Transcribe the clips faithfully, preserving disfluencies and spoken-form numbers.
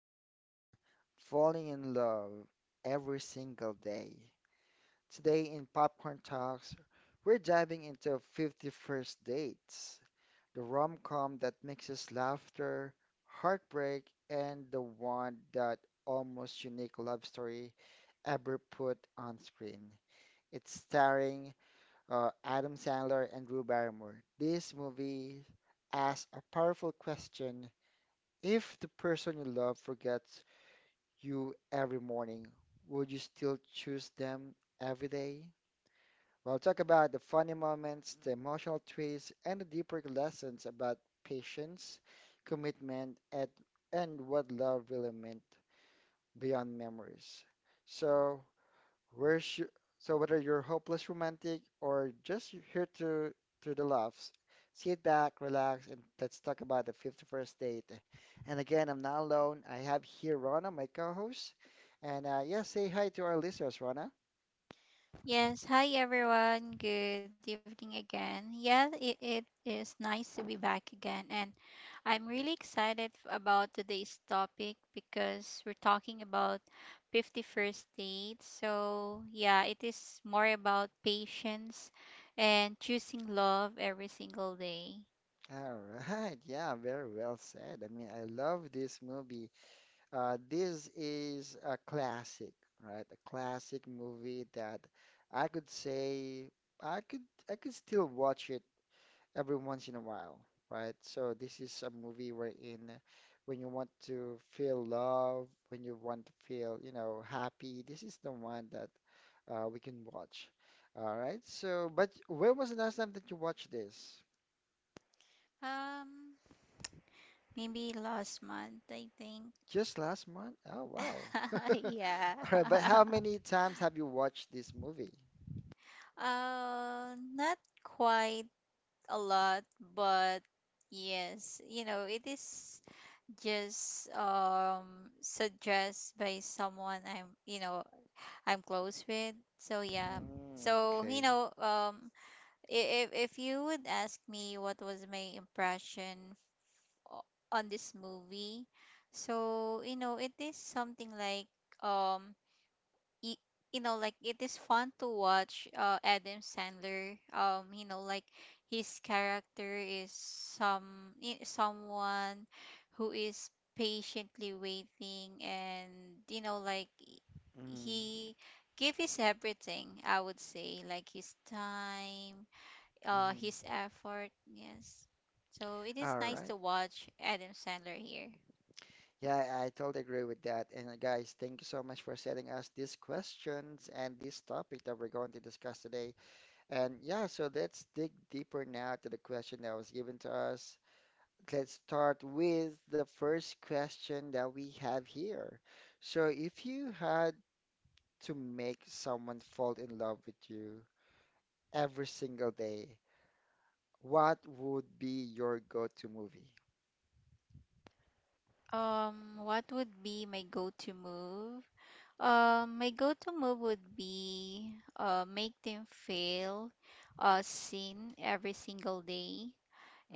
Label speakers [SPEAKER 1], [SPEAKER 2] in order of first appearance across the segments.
[SPEAKER 1] imagine falling in love every single day. Today in Popcorn Talks, we're diving into fifty-first Dates, the rom com that mixes laughter, heartbreak, and the one that almost unique love story ever put on screen. It's starring uh, Adam Sandler and Drew Barrymore. This movie asks a powerful question if the person you love forgets you every morning, would you still choose them every day? We'll talk about the funny moments, the emotional twists, and the deeper lessons about patience, commitment, and, and what love really meant beyond memories. So, Where's your, so whether you're hopeless romantic or just here to to the laughs, sit back, relax, and let's talk about the fifty-first date. And again, I'm not alone. I have here Rona, my co-host. And uh, yeah, say hi to our listeners, Rona.
[SPEAKER 2] Yes, hi everyone. Good evening again. Yeah, it, it is nice to be back again. And I'm really excited f- about today's topic because we're talking about fifty-first dates. So, yeah, it is more about patience and choosing love every single day.
[SPEAKER 1] All right, yeah, very well said. I mean, I love this movie. Uh, this is a classic, right? A classic movie that I could say I could I could still watch it every once in a while, right? So this is a movie wherein when you want to feel love, when you want to feel, you know, happy, this is the one that uh, we can watch. All right. So, but when was the last time that you watched this?
[SPEAKER 2] Um, Maybe last month, I think.
[SPEAKER 1] Just last month? Oh, wow. All
[SPEAKER 2] Yeah.
[SPEAKER 1] right. But how many times have you watched this movie?
[SPEAKER 2] Uh, not quite a lot, but yes, you know, it is just um suggest by someone I'm, you know, I'm close with. So yeah.
[SPEAKER 1] Mm,
[SPEAKER 2] So, you
[SPEAKER 1] okay.
[SPEAKER 2] know, um i- if if you would ask me what was my impression, o- on this movie, so, you know, it is something like, um y- you know, like, it is fun to watch uh Adam Sandler, um you know, like, his character is some i- someone who is patiently waiting. And you know, like, he
[SPEAKER 1] Mm.
[SPEAKER 2] he gave his everything. I would say, like, his time, uh
[SPEAKER 1] Mm-hmm.
[SPEAKER 2] his effort, yes. So it is
[SPEAKER 1] All
[SPEAKER 2] nice to
[SPEAKER 1] right.
[SPEAKER 2] watch Adam Sandler here.
[SPEAKER 1] Yeah, I I totally agree with that. And uh, guys, thank you so much for sending us these questions and this topic that we're going to discuss today. And yeah, so let's dig deeper now to the question that was given to us. Let's start with the first question that we have here. So, if you had to make someone fall in love with you every single day, what would be your go-to movie?
[SPEAKER 2] Um what would be my go-to move? Um, my go-to move would be, uh, make them feel, uh, seen every single day.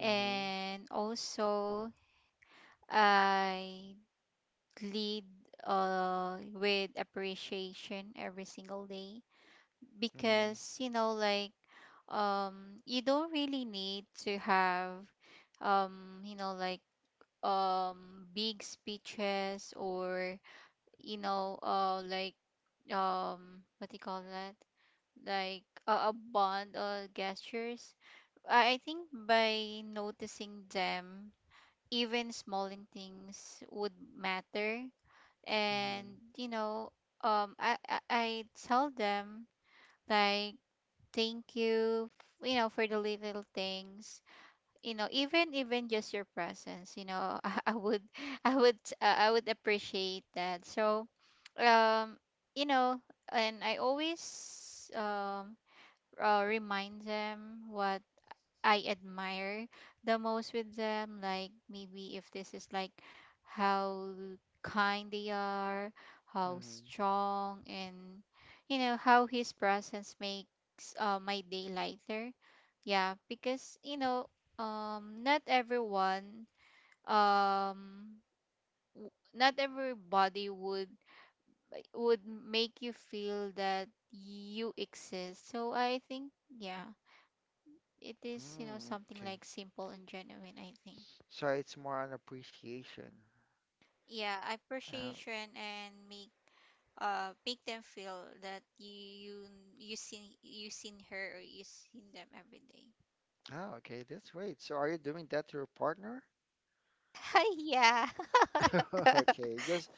[SPEAKER 1] Mm-hmm.
[SPEAKER 2] also I lead, uh, with appreciation every single day.
[SPEAKER 1] Mm-hmm.
[SPEAKER 2] Because, you know, like, um you don't really need to have, um you know, like, um big speeches, or, you know, uh like, um what do you call that, like a, a bond or gestures. I I think by noticing them, even small in things would matter.
[SPEAKER 1] Mm-hmm.
[SPEAKER 2] And you know, um, I I, I tell them, like, thank you, f- you know, for the little things. You know, even even just your presence. You know, I, I would I would uh, I would appreciate that. So, um, you know, and I always um uh, remind them what I admire the most with them. Like, maybe if this is like how kind they are, how
[SPEAKER 1] Mm-hmm.
[SPEAKER 2] strong, and you know how his presence makes, uh, my day lighter. Yeah, because you know, um, not everyone, um, w- not everybody would, like, would make you feel that you exist. So I think, yeah, it is, you know,
[SPEAKER 1] Mm,
[SPEAKER 2] something
[SPEAKER 1] okay.
[SPEAKER 2] like simple and genuine, I think.
[SPEAKER 1] So it's more on appreciation.
[SPEAKER 2] Yeah,
[SPEAKER 1] Oh,
[SPEAKER 2] appreciation, and make, uh make them feel that you you you seen you seen her, or you seen them every day.
[SPEAKER 1] oh, okay, that's great. So are you doing that to your partner?
[SPEAKER 2] Yeah.
[SPEAKER 1] Okay, just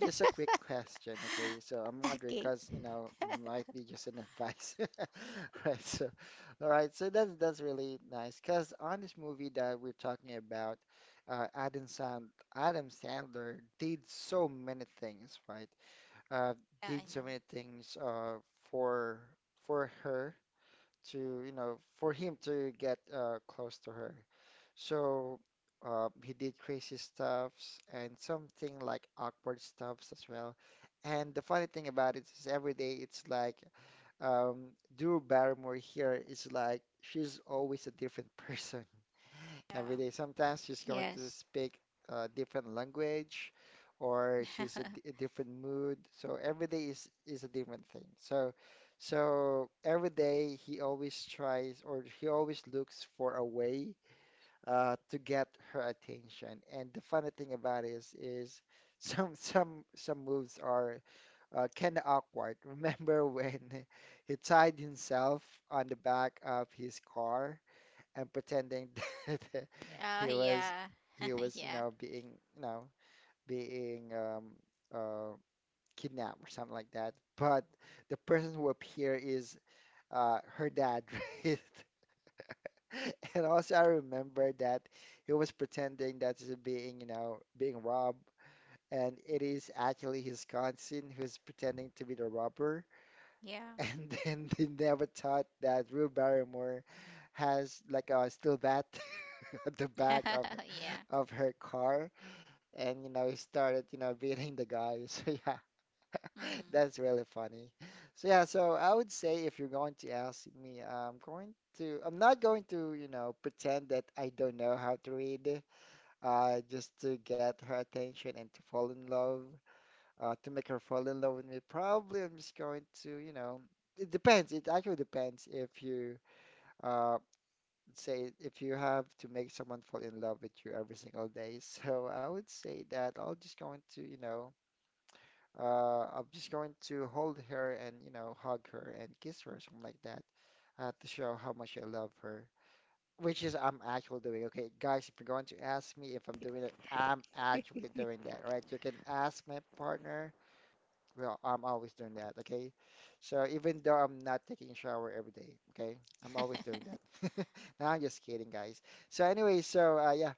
[SPEAKER 1] just a quick question. Okay, so I'm wondering
[SPEAKER 2] Okay.
[SPEAKER 1] because you know might be just an advice, right? So, all right, so that's that's really nice because on this movie that we're talking about, uh, Adam Sand Adam Sandler did so many things, right? Uh,
[SPEAKER 2] Yeah, I
[SPEAKER 1] did so
[SPEAKER 2] know.
[SPEAKER 1] many things uh for for her to, you know, for him to get uh, close to her. So uh, he did crazy stuffs and something like awkward stuffs as well. And the funny thing about it is every day it's like um, Drew Barrymore here is like she's always a different person every
[SPEAKER 2] Yeah.
[SPEAKER 1] day. Sometimes she's going to
[SPEAKER 2] Yes.
[SPEAKER 1] speak a different language or she's a, d- a different mood. So every day is is a different thing. So so every day he always tries or he always looks for a way uh, to get her attention. And the funny thing about it is is some some some moves are uh, kind of awkward. Remember when he tied himself on the back of his car? And pretending that
[SPEAKER 2] Oh
[SPEAKER 1] he was
[SPEAKER 2] yeah.
[SPEAKER 1] he was you
[SPEAKER 2] Yeah.
[SPEAKER 1] know being you know being um, uh, kidnapped or something like that. But the person who appeared is uh, her dad, right? And also I remember that he was pretending that he's being you know being robbed. And it is actually his cousin who's pretending to be the robber,
[SPEAKER 2] Yeah.
[SPEAKER 1] and then they never thought that Drew Barrymore has like a steel bat the back of
[SPEAKER 2] Yeah.
[SPEAKER 1] of her car and you know he started you know beating the guy so yeah
[SPEAKER 2] Mhm.
[SPEAKER 1] that's really funny so yeah so I would say if you're going to ask me I'm going to I'm not going to you know pretend that I don't know how to read uh just to get her attention and to fall in love uh to make her fall in love with me probably I'm just going to you know it depends it actually depends if you uh say if you have to make someone fall in love with you every single day. So I would say that I'll just going to, you know, uh, I'm just going to hold her and, you know, hug her and kiss her or something like that, uh, to show how much I love her. Which is I'm actually doing. Okay, guys, if you're going to ask me if I'm doing it, I'm actually doing that, right? You can ask my partner well, I'm always doing that, okay? So even though I'm not taking a shower every day, okay? I'm always doing that. Now I'm just kidding, guys. So anyway, so uh, yeah.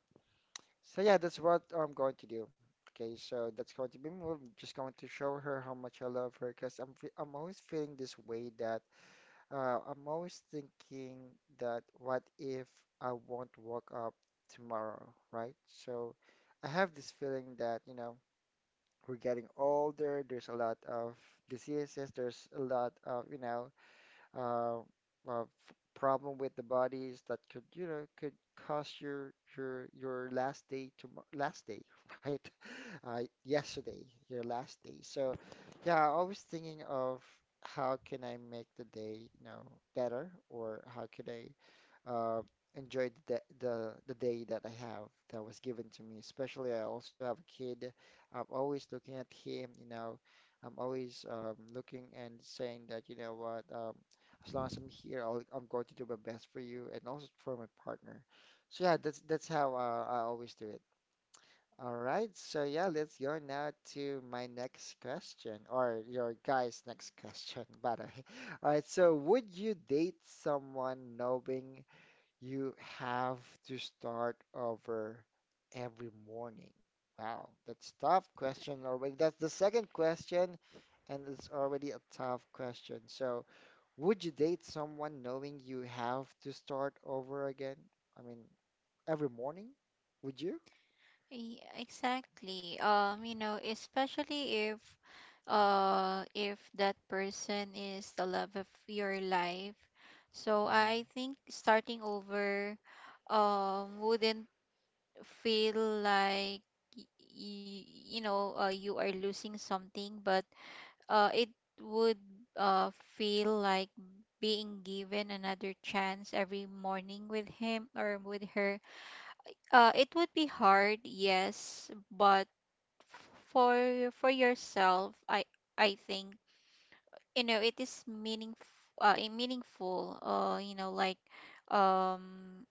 [SPEAKER 1] So yeah, that's what I'm going to do. Okay, so that's going to be me. I'm just going to show her how much I love her because I'm fe- I'm always feeling this way that uh, I'm always thinking that what if I won't wake up tomorrow, right? So I have this feeling that, you know, we're getting older. There's a lot of diseases. There's a lot of, you know, uh, uh, f- problem with the bodies that could, you know, could cause your your your last day to last day, right? Uh, yesterday, your last day. So, yeah, always thinking of how can I make the day, you know, better, or how could I uh, enjoy the, da- the the day that I have that was given to me. Especially, I also have a kid. I'm always looking at him, you know. I'm always um, looking and saying that, you know what, um, as long as I'm here, I'll, I'm going to do my best for you and also for my partner. So yeah, that's that's how uh, I always do it. All right, so yeah, let's go now to my next question or your guys' next question, by the way. All right, so would you date someone knowing you have to start over every morning. Wow, that's tough question already. That's the second question, and it's already a tough question. So, would you date someone knowing you have to start over again? I mean, every morning? Would you?
[SPEAKER 2] E- Exactly. Um, you know, especially if, uh if that person is the love of your life. So
[SPEAKER 1] Mm-hmm.
[SPEAKER 2] I think starting over, um wouldn't feel like, y- y- you know, uh, you are losing something, but, uh it would, uh feel like being given another chance every morning with him or with her. Uh it would be hard, yes, but for for yourself, i i think, you know, it is meaningful, uh, eh, meaningful, uh you know, like, um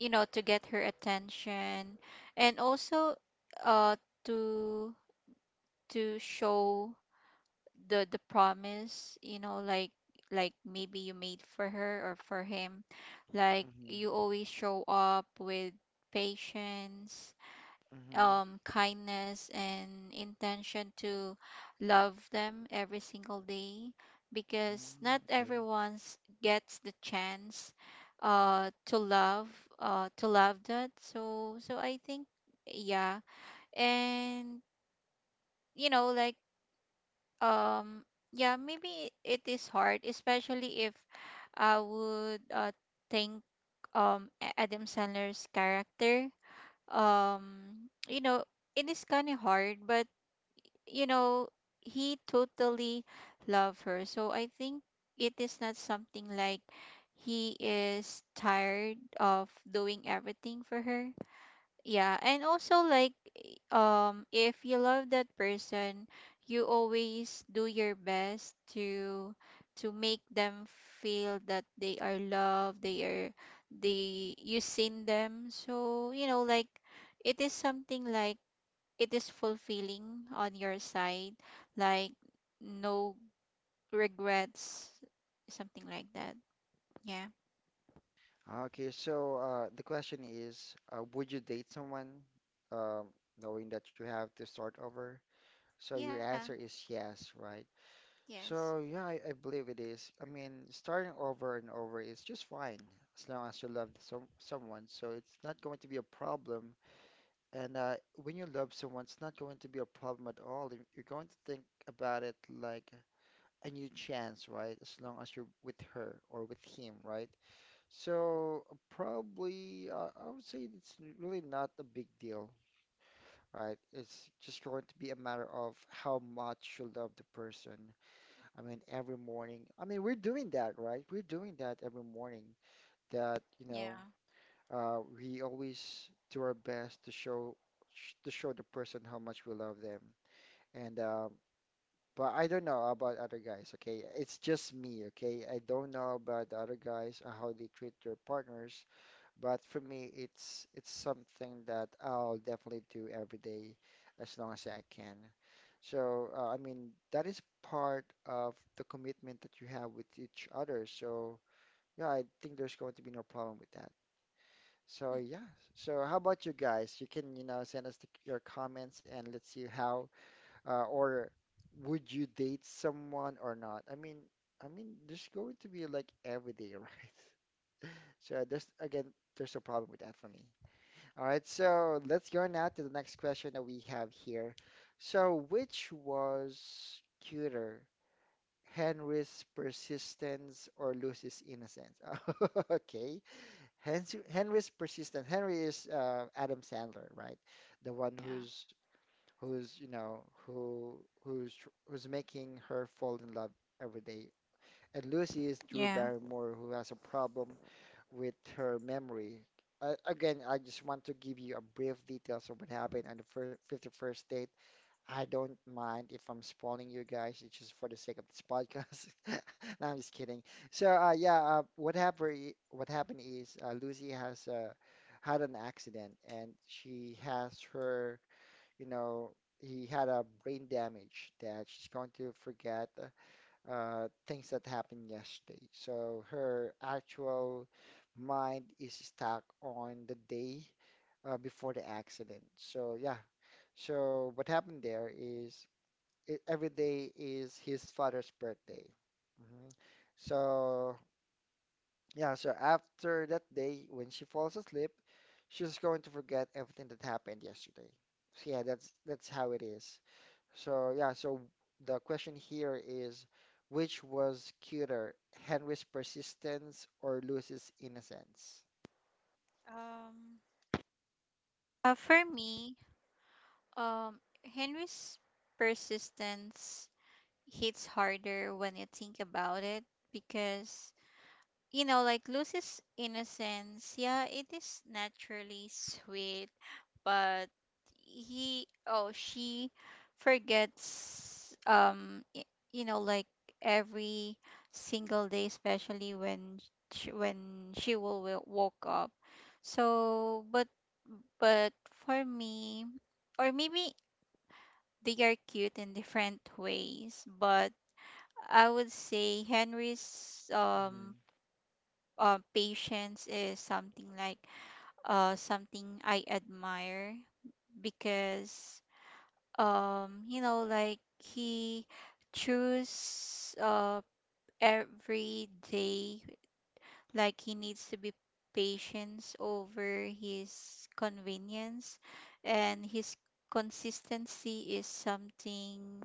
[SPEAKER 2] you know, to get her attention. And also, uh to to show the the promise, you know, like like maybe you made for her or for him, like
[SPEAKER 1] Mm-hmm.
[SPEAKER 2] you always show up with patience,
[SPEAKER 1] Mm-hmm.
[SPEAKER 2] um, kindness, and intention to love them every single day. Because
[SPEAKER 1] Mm,
[SPEAKER 2] not
[SPEAKER 1] okay.
[SPEAKER 2] everyone gets the chance, uh, to love, uh, to love that. So so I think, yeah. And you know, like, um yeah, maybe it is hard, especially if I would, uh, think, um A- Adam Sandler's character, um you know, it is kind of hard. But, you know, he totally loved her. So I think it is not something like he is tired of doing everything for her. Yeah, and also, like, um if you love that person, you always do your best to to make them feel that they are loved, they are, they you seen them. So, you know, like, it is something like, it is fulfilling on your side, like no regrets, something like that. Yeah.
[SPEAKER 1] Okay, so uh, the question is, uh, would you date someone um, knowing that you have to start over? So
[SPEAKER 2] Yeah.
[SPEAKER 1] your answer is yes, right?
[SPEAKER 2] Yes.
[SPEAKER 1] So yeah, I, I believe it is. I mean, starting over and over is just fine as long as you love some someone. So it's not going to be a problem. And uh, when you love someone, it's not going to be a problem at all. You- You're going to think about it like a new chance, right? As long as you're with her or with him, right? So probably, uh, I would say it's really not a big deal right? It's just going to be a matter of how much you love the person. I mean, every morning. I mean, we're doing that, right? We're doing that every morning. That, you
[SPEAKER 2] Yeah.
[SPEAKER 1] know, uh, we always do our best to show sh- to show the person how much we love them. And um, but I don't know about other guys, okay? It's just me, okay? I don't know about the other guys, uh, how they treat their partners. But for me, it's it's something that I'll definitely do every day as long as I can. So, uh, I mean, that is part of the commitment that you have with each other. So, yeah, I think there's going to be no problem with that.
[SPEAKER 2] Mm.
[SPEAKER 1] So, yeah. So, how about you guys? You can, you know, send us the, your comments and let's see how uh, or would you date someone or not? I mean, I mean, there's going to be like every day, right? So, there's again, there's a problem with that for me. All right, so let's go now to the next question that we have here. So, which was cuter, Henry's persistence or Lucy's innocence? Okay, Henry, Henry's persistence. Henry is uh, Adam Sandler, right? The one
[SPEAKER 2] Yeah.
[SPEAKER 1] who's who's you know who who's tr- who's making her fall in love every day, and Lucy is Drew
[SPEAKER 2] Yeah.
[SPEAKER 1] Barrymore, who has a problem with her memory. Uh, again, I just want to give you a brief details of what happened on the fir fifty-first date. I don't mind if I'm spoiling you guys. It's just for the sake of this podcast. No, I'm just kidding. So, uh, yeah, uh, what happened? What happened is uh, Lucy has uh, had an accident, and she has her, you know, he had a brain damage that she's going to forget uh, uh, things that happened yesterday. So her actual mind is stuck on the day uh, before the accident. So yeah, so what happened there is it, every day is his father's birthday. hmm So yeah, so after that day, when she falls asleep, she's going to forget everything that happened yesterday. So yeah, that's that's how it is. So yeah, so the question here is which was cuter, Henry's persistence or Lucy's innocence?
[SPEAKER 2] Um. Uh, for me, um, Henry's persistence hits harder when you think about it. Because, you know, like, Lucy's innocence, yeah, it is naturally sweet, but he oh she forgets, um y- you know, like, every single day, especially when she, when she will, will woke up. So, but but for me, or maybe they are cute in different ways, but I would say Henry's, um
[SPEAKER 1] Mm-hmm.
[SPEAKER 2] uh, patience is something like, uh something I admire, because, um you know, like, he choose, uh every day, like, he needs to be patience over his convenience. And his consistency is something,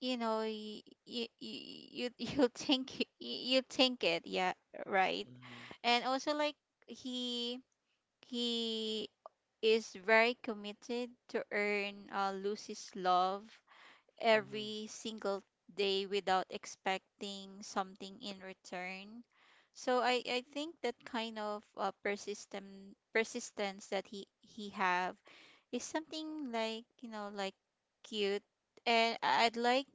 [SPEAKER 2] you know, you you you you think you think it, yeah, right.
[SPEAKER 1] Mm-hmm.
[SPEAKER 2] And also, like, he he is very committed to earn, uh, Lucy's love
[SPEAKER 1] Mm-hmm.
[SPEAKER 2] every single day, without expecting something in return. So I, I think that kind of, uh, persistent persistence that he he have is something like, you know, like, cute. And I- I'd like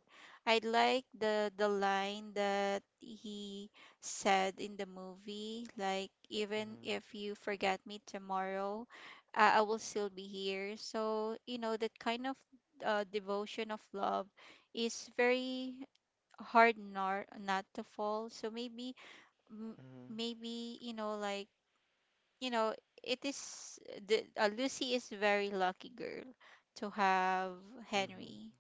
[SPEAKER 2] I'd like the the line that he said in the movie, like, even
[SPEAKER 1] Mm-hmm.
[SPEAKER 2] if you forget me tomorrow, I I will still be here. So you know that kind of, uh, devotion of love is very hard not not to fall. So maybe, m-
[SPEAKER 1] Mm-hmm.
[SPEAKER 2] maybe, you know, like, you know, it is, the uh, Lucy is very lucky girl to have
[SPEAKER 1] Mm-hmm.
[SPEAKER 2] Henry,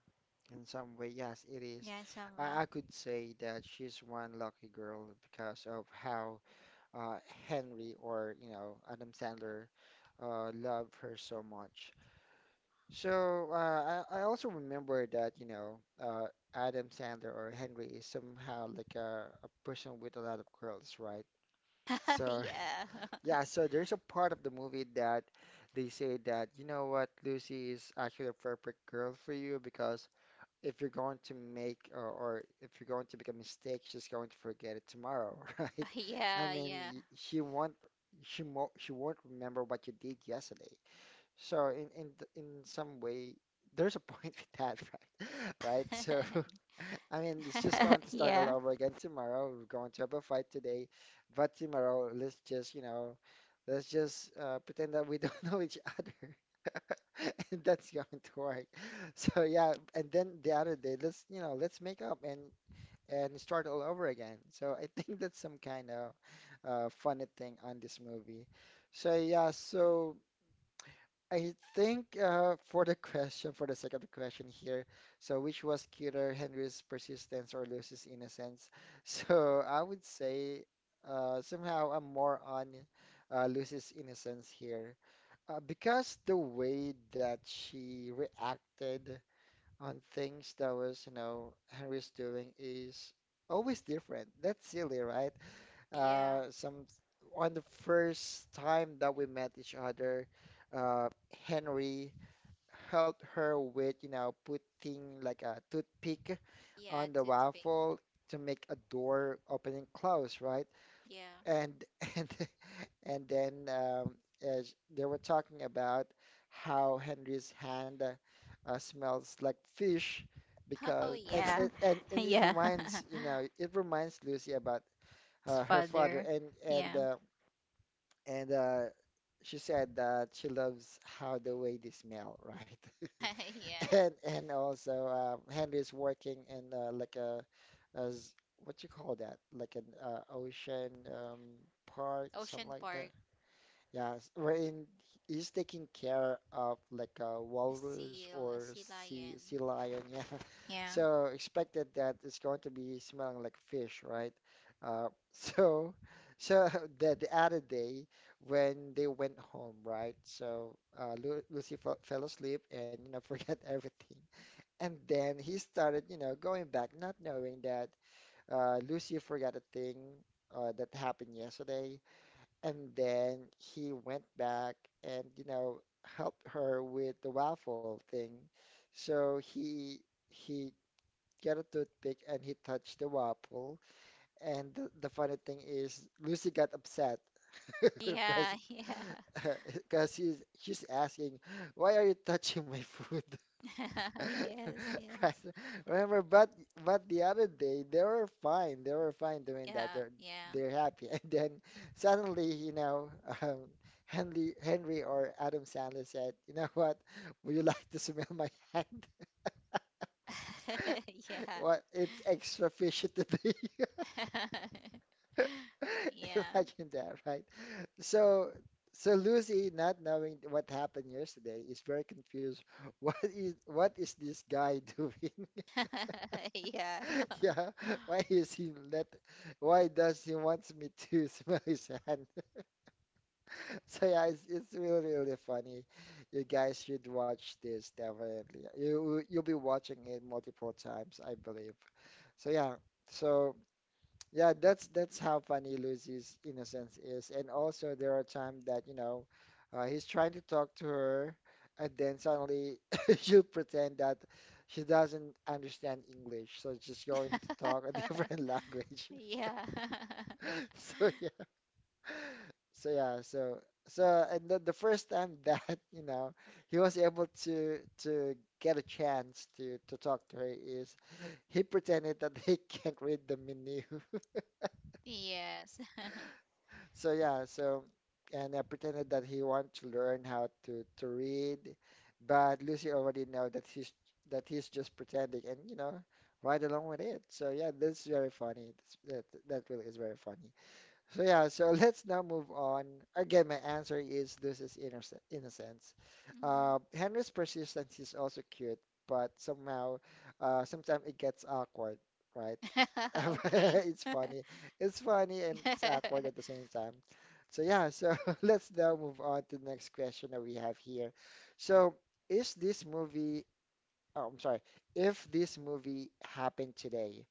[SPEAKER 1] In some way, yes, it is.
[SPEAKER 2] yeah, in some way.
[SPEAKER 1] I, I could say that she's one lucky girl because of how uh, Henry or, you know, Adam Sandler uh, loved her so much. So uh, I, I also remember that, you know, uh, Adam Sandler or Henry is somehow like a, a person with a lot of curls, right? So,
[SPEAKER 2] Yeah.
[SPEAKER 1] yeah, so there's a part of the movie that they say that, you know what, Lucy is actually a perfect girl for you because if you're going to make or, or if you're going to make a mistake, she's going to forget it tomorrow, right? I
[SPEAKER 2] yeah
[SPEAKER 1] mean,
[SPEAKER 2] yeah
[SPEAKER 1] y- she won't, she, mo she won't remember what you did yesterday. So in in th- in some way, there's a point with that, right? Right? So I mean, it's just going to start all
[SPEAKER 2] Yeah,
[SPEAKER 1] over again tomorrow. We're going to have a fight today, but tomorrow, let's just, you know, let's just uh, pretend that we don't know each other. And that's going to work. So yeah, and then the other day, let's, you know, let's make up and and start all over again. So I think that's some kind of uh, funny thing on this movie. So yeah, so I think uh, for the question, for the second question here, so which was cuter, Henry's persistence or Lucy's innocence? So I would say uh, somehow I'm more on uh, Lucy's innocence here uh, because the way that she reacted on things that was, you know, Henry's doing is always different. That's silly, right?
[SPEAKER 2] yeah,
[SPEAKER 1] Uh, some On the first time that we met each other, uh, Henry helped her with, you know, putting like a toothpick
[SPEAKER 2] yeah.
[SPEAKER 1] on the
[SPEAKER 2] Toothpick.
[SPEAKER 1] waffle to make a door open and close, right?
[SPEAKER 2] Yeah.
[SPEAKER 1] And and and then um, as they were talking about how Henry's hand uh, uh, smells like fish
[SPEAKER 2] Oh
[SPEAKER 1] because and
[SPEAKER 2] yeah.
[SPEAKER 1] it and, and it
[SPEAKER 2] Yeah.
[SPEAKER 1] reminds, you know, it reminds Lucy about
[SPEAKER 2] His
[SPEAKER 1] uh, her father
[SPEAKER 2] father.
[SPEAKER 1] and and
[SPEAKER 2] Yeah.
[SPEAKER 1] uh, and uh, she said that she loves how the way they smell, right?
[SPEAKER 2] Yeah.
[SPEAKER 1] And and also um, Henry's working in uh, like a as what you call that? Like an uh, ocean um, park, something
[SPEAKER 2] Ocean
[SPEAKER 1] like that.
[SPEAKER 2] Park.
[SPEAKER 1] Yes, wherein he's taking care of like a
[SPEAKER 2] A
[SPEAKER 1] walrus
[SPEAKER 2] seal, a
[SPEAKER 1] or
[SPEAKER 2] sea
[SPEAKER 1] sea
[SPEAKER 2] lion.
[SPEAKER 1] sea lion. Yeah,
[SPEAKER 2] Yeah.
[SPEAKER 1] so expected that it's going to be smelling like fish, right? Uh, so so the the other day when they went home, right? So uh, Lu Lucy fell, fell asleep and you know forget everything. And then he started, you know, going back, not knowing that uh, Lucy forgot a thing uh, that happened yesterday. And then he went back and, you know, helped her with the waffle thing. So he he got a toothpick and he touched the waffle. And the, the funny thing is, Lucy got upset because
[SPEAKER 2] Yeah. Yeah.
[SPEAKER 1] because she's she's asking, "Why are you touching my food?"
[SPEAKER 2] Yes,
[SPEAKER 1] Right.
[SPEAKER 2] yes.
[SPEAKER 1] Remember, but but the other day they were fine. They were fine doing that.
[SPEAKER 2] Yeah,
[SPEAKER 1] They're
[SPEAKER 2] yeah.
[SPEAKER 1] they're happy, and then suddenly, you know, um, Henry Henry or Adam Sandler said, "You know what? Would you like to smell my hand? What? It's extra fishy today."
[SPEAKER 2] Yeah.
[SPEAKER 1] Imagine that, right? So. So Lucy, not knowing what happened yesterday, is very confused. What is what is this guy doing?
[SPEAKER 2] Yeah. Yeah.
[SPEAKER 1] Yeah, why is he let? Why does he wants me to smell his hand? So yeah, it's it's really really funny. You guys should watch this definitely. You you'll be watching it multiple times, I believe. So yeah, so. Yeah, that's that's how funny Lucy's innocence is. And also there are times that, you know, uh, he's trying to talk to her and then suddenly she'll pretend that she doesn't understand English. So she's going to talk a different language.
[SPEAKER 2] Yeah.
[SPEAKER 1] So yeah. So yeah, so so and the, the first time that, you know, he was able to to get a chance to to talk to her is he pretended that he can't read the menu.
[SPEAKER 2] Yes.
[SPEAKER 1] So yeah, so and I pretended that he wanted to learn how to to read, but Lucy already know that he's that he's just pretending, and you know, right along with it. So yeah, that's very funny. That's, that that really is very funny. So yeah, so let's now move on. Again, my answer is Lucy's innocent innocence.
[SPEAKER 2] Mm.
[SPEAKER 1] Uh, Henry's persistence is also cute, but somehow, uh, sometimes it gets awkward, right?
[SPEAKER 2] Okay.
[SPEAKER 1] It's funny. It's funny and it's awkward at the same time. So yeah, so let's now move on to the next question that we have here. So is this movie, oh, I'm sorry, if this movie happened today,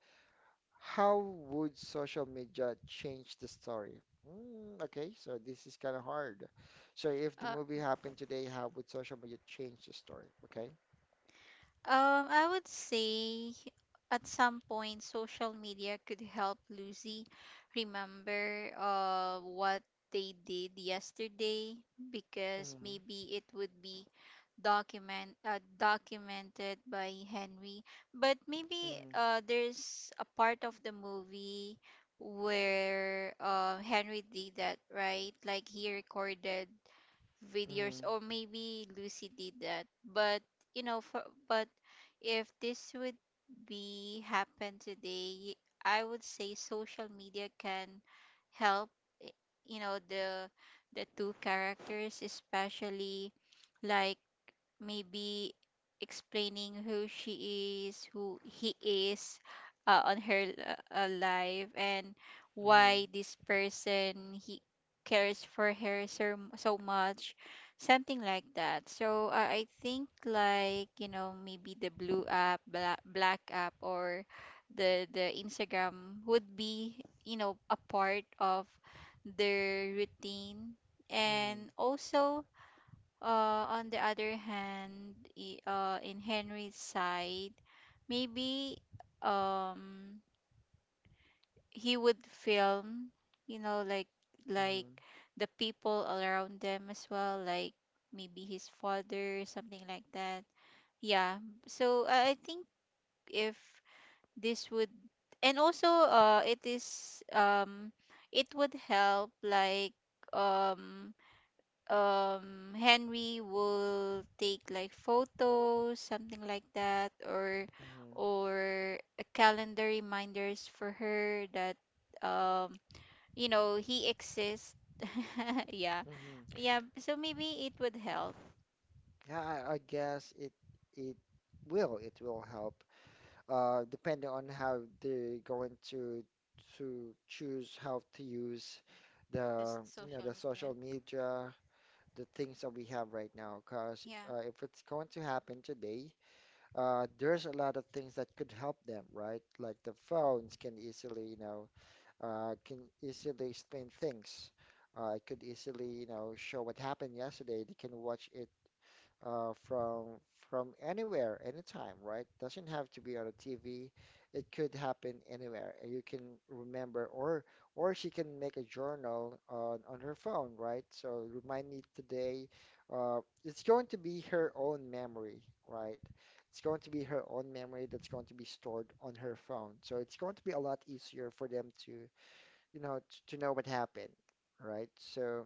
[SPEAKER 1] how would social media change the story? Mm, okay, so this is kind of hard. So if the movie happened today, how would social media change the story? Okay.
[SPEAKER 2] Um, I would say, at some point, social media could help Lucy remember, uh what they did yesterday. Because
[SPEAKER 1] Mhm,
[SPEAKER 2] maybe it would be, document uh, documented by Henry. But maybe,
[SPEAKER 1] mhm,
[SPEAKER 2] uh there's a part of the movie where, uh Henry did that, right? Like, he recorded videos,
[SPEAKER 1] mhm,
[SPEAKER 2] or maybe Lucy did that. But, you know, for but if this would be happen today, I would say social media can help, i- you know, the the two characters, especially, like, maybe explaining who she is, who he is, uh, on her, uh, uh, life, and
[SPEAKER 1] mhm,
[SPEAKER 2] why this person, he cares for her so, so much, something like that. So, uh, I think, like, you know, maybe the blue app, black, black app, or the the Instagram would be, you know, a part of their routine.
[SPEAKER 1] mhm,
[SPEAKER 2] And also, uh, on the other hand, i- uh, in Henry's side, maybe, um he would film, you know, like, like
[SPEAKER 1] mhm,
[SPEAKER 2] the people around them as well, like, maybe his father, something like that. Yeah. So, uh, I think, if this would, and also, uh, it is, um, it would help, like, um um Henry will take, like, photos, something like that, or
[SPEAKER 1] mhm,
[SPEAKER 2] or a calendar reminders for her that, um you know, he exists. Yeah.
[SPEAKER 1] mhm.
[SPEAKER 2] Yeah, so maybe it would help.
[SPEAKER 1] Yeah, I, I guess it it will it will help. Uh, depending on how they're going to to choose how to use
[SPEAKER 2] Just
[SPEAKER 1] the you know
[SPEAKER 2] social
[SPEAKER 1] the social
[SPEAKER 2] media.
[SPEAKER 1] media, the things that we have right now. Because
[SPEAKER 2] Yeah.
[SPEAKER 1] uh, if it's going to happen today, uh, there's a lot of things that could help them, right? Like the phones can easily, you know, uh, can easily explain things. Uh, it could easily, you know, show what happened yesterday. They can watch it uh, from from anywhere, anytime, right? Doesn't have to be on a T V. It could happen anywhere, and you can remember, or or she can make a journal on on her phone, right? So remind me today. Uh, it's going to be her own memory, right? It's going to be her own memory that's going to be stored on her phone. So it's going to be a lot easier for them to, you know, to, to know what happened, right? So.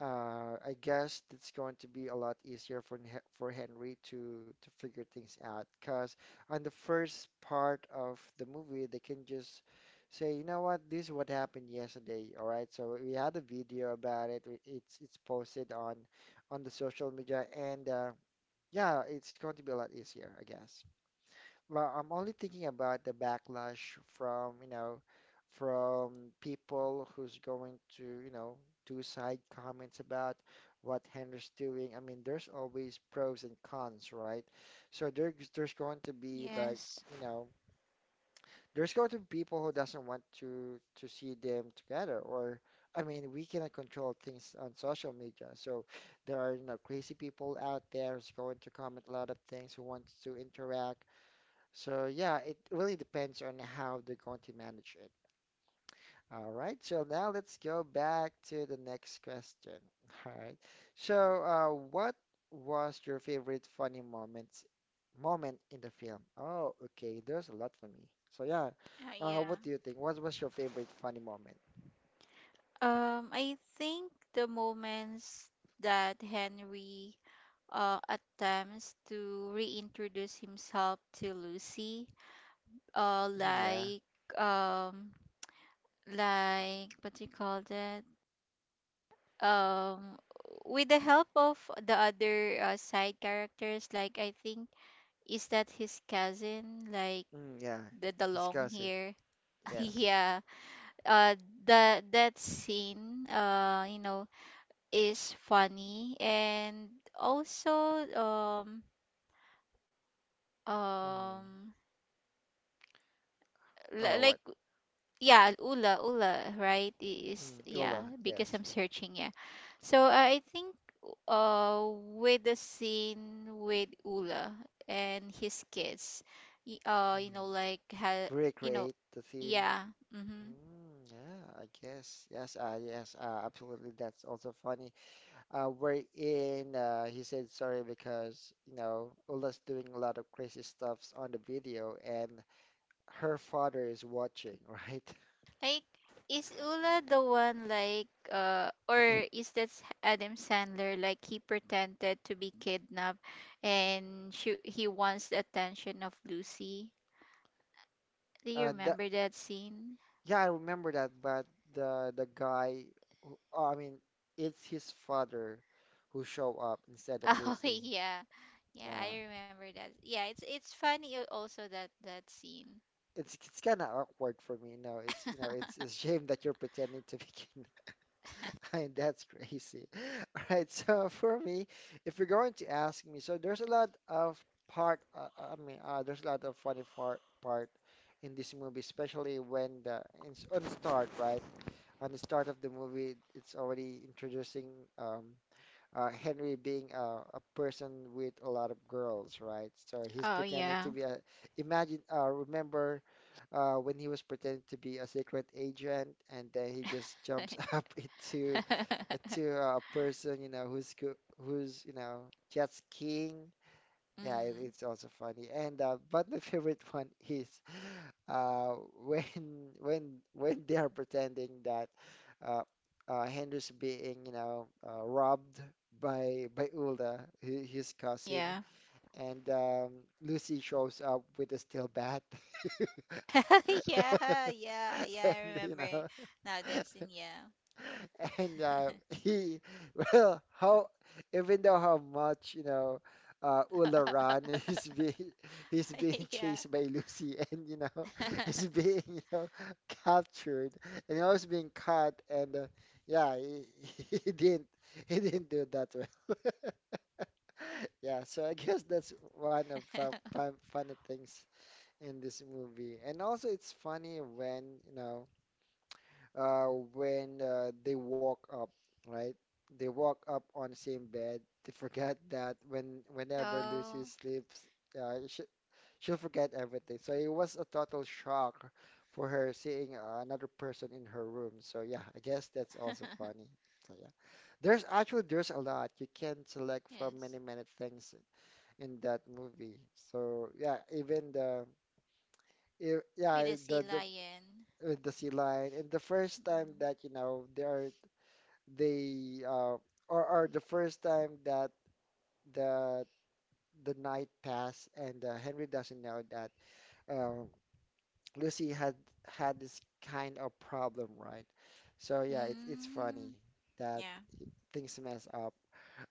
[SPEAKER 1] Uh, I guess it's going to be a lot easier for Hen- for Henry to to figure things out. Cause on the first part of the movie, they can just say, you know what, this is what happened yesterday. All right, so we had a video about it. We- It's it's posted on on the social media, and uh, yeah, it's going to be a lot easier, I guess. Well, I'm only thinking about the backlash from, you know, from people who's going to, you know, do side comments about what Henry's doing. I mean, there's always pros and cons, right? So there's there's going to be like,
[SPEAKER 2] Yes.
[SPEAKER 1] you know, there's going to be people who doesn't want to to see them together, or I mean, we cannot control things on social media. So there are, you know, crazy people out there who's going to comment a lot of things who wants to interact so yeah, it really depends on how they're going to manage it. All right, so now let's go back to the next question. All right, so uh, what was your favorite funny moments moment in the film? Oh, okay, there's a lot for me. So yeah,
[SPEAKER 2] Uh,
[SPEAKER 1] uh,
[SPEAKER 2] yeah.
[SPEAKER 1] what do you think? What was your favorite funny moment?
[SPEAKER 2] Um, I think the moments that Henry, uh, attempts to reintroduce himself to Lucy, uh
[SPEAKER 1] Yeah,
[SPEAKER 2] like, um like, what do you call that, um with the help of the other, uh, side characters, like, I think, is that his cousin, like,
[SPEAKER 1] mm, yeah,
[SPEAKER 2] the, the long
[SPEAKER 1] discuss it.
[SPEAKER 2] hair.
[SPEAKER 1] Yes.
[SPEAKER 2] Yeah. uh the That scene, uh you know, is funny. And also, um
[SPEAKER 1] Mm.
[SPEAKER 2] um li-
[SPEAKER 1] Oh,
[SPEAKER 2] like,
[SPEAKER 1] what?
[SPEAKER 2] yeah, ula Ula, right? I- is,
[SPEAKER 1] Mm,
[SPEAKER 2] yeah,
[SPEAKER 1] Ula,
[SPEAKER 2] because
[SPEAKER 1] yes.
[SPEAKER 2] I'm searching. Yeah. So I think, uh with the scene with Ula and his kids, y- uh you
[SPEAKER 1] Mm.
[SPEAKER 2] know, like, ha, you know,
[SPEAKER 1] Recreate the theme.
[SPEAKER 2] yeah. Mm-hmm.
[SPEAKER 1] Mm, yeah, I guess. Yes, uh, yes, uh, absolutely. That's also funny. Uh, we're in, uh, he said sorry because, you know, Ula's doing a lot of crazy stuffs on the video and her father is watching, right?
[SPEAKER 2] Like, is Ula the one, like, uh or is that, S- Adam Sandler, like, he pretended to be kidnapped, and she, he wants the attention of Lucy. Do you
[SPEAKER 1] Uh, the,
[SPEAKER 2] remember that scene?
[SPEAKER 1] yeah, I remember that, but the the guy, who, oh, I mean, it's his father who show up instead of
[SPEAKER 2] Oh,
[SPEAKER 1] Lucy.
[SPEAKER 2] yeah. Yeah,
[SPEAKER 1] Yeah.
[SPEAKER 2] I remember that. Yeah, it's it's funny, al- also that that scene.
[SPEAKER 1] It's it's kind of awkward for me, No. It's you know, it's a shame that you're pretending to be kidnapped. I, mean, that's crazy. All right, so for me, if you're going to ask me, so there's a lot of part, uh, uh, I mean, uh, there's a lot of funny far, part in this movie, especially when the in, on the start, right? On the start of the movie, it's already introducing um, uh, Henry being a, a person with a lot of girls, right? So he's
[SPEAKER 2] Oh
[SPEAKER 1] pretending to
[SPEAKER 2] yeah.
[SPEAKER 1] be a, imagine, uh, remember uh, when he was pretending to be a secret agent and then he just jumps up into to a person, you know, who's go- who's, you know, jet skiing. Yeah, it,
[SPEAKER 2] Mm.
[SPEAKER 1] it's also funny. And uh, But my favorite one is uh, when when when they are pretending that uh, uh, Henry's being, you know, uh, robbed by by Ulda, hi- his cousin,
[SPEAKER 2] Yeah.
[SPEAKER 1] and um, Lucy shows up with a steel bat,
[SPEAKER 2] Yeah, yeah, yeah, I
[SPEAKER 1] and you
[SPEAKER 2] remember.
[SPEAKER 1] know.
[SPEAKER 2] Now that scene, yeah.
[SPEAKER 1] and uh, he well how even though how much you know uh Ularan is being he's being
[SPEAKER 2] Yeah.
[SPEAKER 1] chased by Lucy and you know he's being you know captured and he was being caught and uh, yeah he, he didn't he didn't do that well. Yeah, so I guess that's one of fun, fun funny things in this movie. And also it's funny when you know uh, when uh, they woke up, right? They woke up on the same bed. They forget that when whenever Lucy
[SPEAKER 2] Oh.
[SPEAKER 1] sleeps, uh, she, she'll forget everything. So it was a total shock for her seeing uh, another person in her room. So yeah, I guess that's also funny. So yeah, there's actually there's a lot you can select from
[SPEAKER 2] Yes.
[SPEAKER 1] many many things in that movie. So yeah, even the if,
[SPEAKER 2] With
[SPEAKER 1] yeah
[SPEAKER 2] the sea
[SPEAKER 1] the the
[SPEAKER 2] lion.
[SPEAKER 1] with the sea lion. And the first time
[SPEAKER 2] Mm.
[SPEAKER 1] that you know they are they uh, or, or the first time that the the night passed and uh, Henry doesn't know that um, Lucy had had this kind of problem, right? So yeah, it's it's funny
[SPEAKER 2] Mm.
[SPEAKER 1] that
[SPEAKER 2] Yeah.
[SPEAKER 1] things mess up.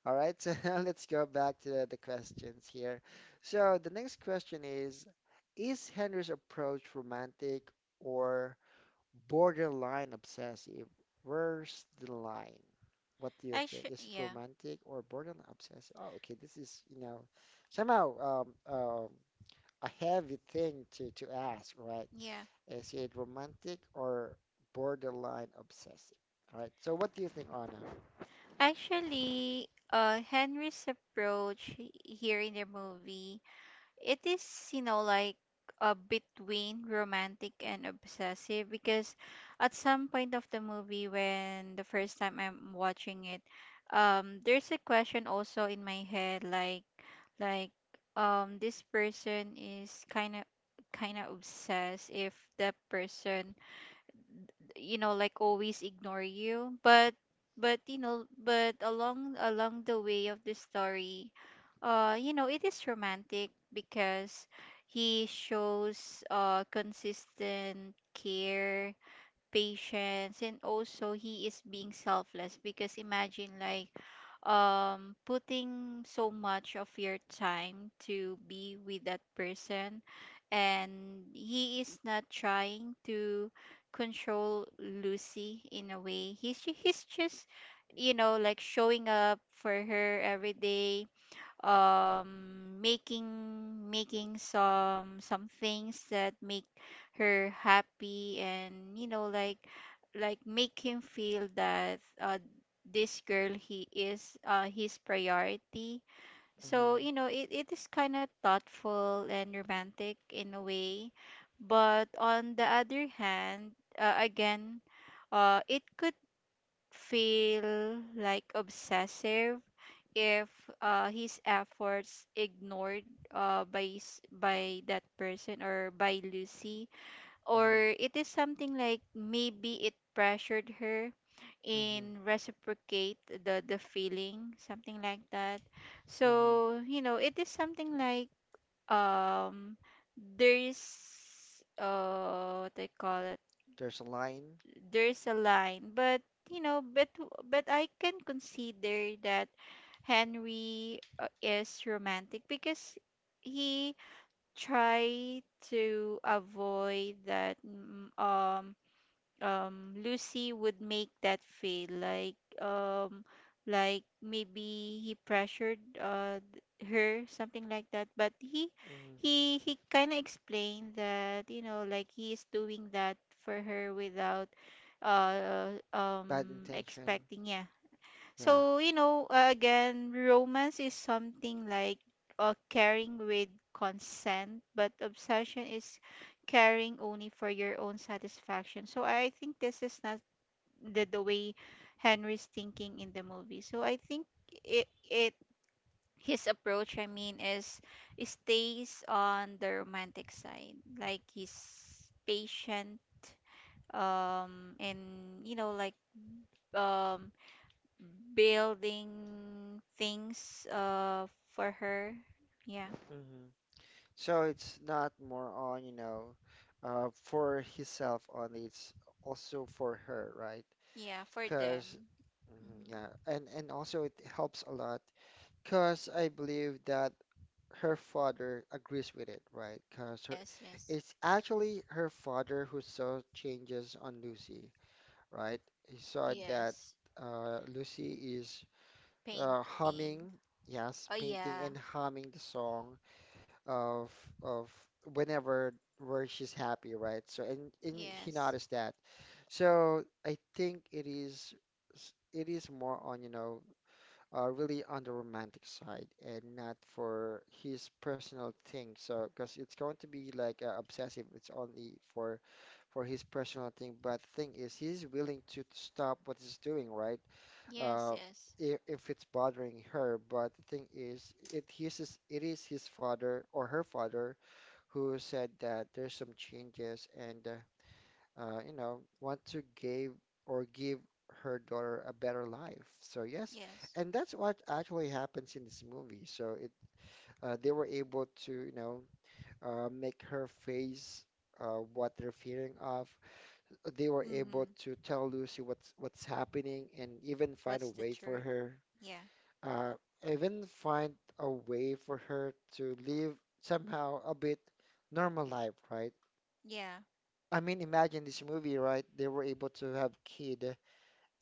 [SPEAKER 1] All right, so now let's go back to the, the questions here. So the next question is, is Henry's approach romantic or borderline obsessive? Where's the line? What do you think?
[SPEAKER 2] Actually,
[SPEAKER 1] Is it
[SPEAKER 2] yeah.
[SPEAKER 1] romantic or borderline obsessive? Oh, okay. This is, you know, somehow um, um, a heavy thing to, to ask, right?
[SPEAKER 2] Yeah.
[SPEAKER 1] Is it romantic or borderline obsessive? All right. So what do you think, Anna?
[SPEAKER 2] Actually, uh Henry's approach, he- here in the movie, it is, you know, like, uh, between romantic and obsessive. Because at some point of the movie, when the first time I'm watching it, um there's a question also in my head, like, like um this person is kind of kind of obsessed. If that person, you know, like, always ignore you. But, but you know, but, along along the way of the story, uh, you know, it is romantic, because he shows, uh, consistent care, patience, and also he is being selfless. Because, imagine, like, um, putting so much of your time to be with that person, and he is not trying to control Lucy in a way. He's ju- he's just, you know, like showing up for her every day um making making some some things that make her happy, and you know like like make him feel that uh this girl he is uh his priority. So
[SPEAKER 1] Mm-hmm.
[SPEAKER 2] you know it, it is kind of thoughtful and romantic in a way. But on the other hand, uh, again, uh it could feel like obsessive if uh, his efforts ignored uh, by s- by that person or by Lucy,
[SPEAKER 1] Mm-hmm.
[SPEAKER 2] or it is something like maybe it pressured her
[SPEAKER 1] Mm-hmm.
[SPEAKER 2] in reciprocate the the feeling, something like that.
[SPEAKER 1] Mm-hmm.
[SPEAKER 2] So you know it is something like um there's uh what I call it,
[SPEAKER 1] There's a line.
[SPEAKER 2] there's a line. But you know, but but I can consider that Henry uh, is romantic because he tried to avoid that. mm, um um Lucy would make that feel like um like maybe he pressured uh th- her, something like that. But he
[SPEAKER 1] Mm-hmm.
[SPEAKER 2] he he kind of explained that, you know, like he is doing that for her without uh
[SPEAKER 1] Bad
[SPEAKER 2] um
[SPEAKER 1] intention.
[SPEAKER 2] expecting, yeah.
[SPEAKER 1] Yeah.
[SPEAKER 2] So, you know, uh, again, romance is something like uh, caring with consent, but obsession is caring only for your own satisfaction. So I think this is not the, the way Henry's thinking in the movie. So I think it, it his approach, I mean, is is stays on the romantic side. Like he's patient, um, and you know, like um building things uh for her, yeah.
[SPEAKER 1] Mm-hmm. So it's not more on, you know, uh, for himself only. It's also for her, right?
[SPEAKER 2] Yeah, for
[SPEAKER 1] Because,
[SPEAKER 2] them. Hmm.
[SPEAKER 1] yeah, and and also it helps a lot. Because I believe that her father agrees with it, right? Because her,
[SPEAKER 2] Yes, yes,
[SPEAKER 1] it's actually her father who saw changes on Lucy, right? He saw that
[SPEAKER 2] yes.
[SPEAKER 1] uh, Lucy is uh,
[SPEAKER 2] Painting.
[SPEAKER 1] humming,
[SPEAKER 2] Oh,
[SPEAKER 1] yes, painting
[SPEAKER 2] yeah.
[SPEAKER 1] and humming the song of of whenever where she's happy, right? So and, and he
[SPEAKER 2] Yes,
[SPEAKER 1] noticed that. So I think it is s- it is more on, you know, uh, really on the romantic side and not for his personal thing. So because it's going to be like uh, obsessive, it's only for for his personal thing. But thing is, he's willing to stop what he's doing, right?
[SPEAKER 2] yes,
[SPEAKER 1] uh,
[SPEAKER 2] yes,
[SPEAKER 1] if, if it's bothering her. But the thing is, it is his, it is his father or her father who said that there's some changes and uh, uh, you know, want to give or give her daughter a better life. So yes,
[SPEAKER 2] yes.
[SPEAKER 1] and that's what actually happens in this movie. So it uh, they were able to you know uh, make her face. Uh, what they're fearing of, they were able
[SPEAKER 2] Mm-hmm.
[SPEAKER 1] to tell Lucy what's what's happening, and even find a
[SPEAKER 2] What's the
[SPEAKER 1] way for
[SPEAKER 2] truth?
[SPEAKER 1] her
[SPEAKER 2] Yeah,
[SPEAKER 1] uh, even find a way for her to live somehow a bit normal life, right?
[SPEAKER 2] yeah.
[SPEAKER 1] I mean, imagine this movie, right? They were able to have kid,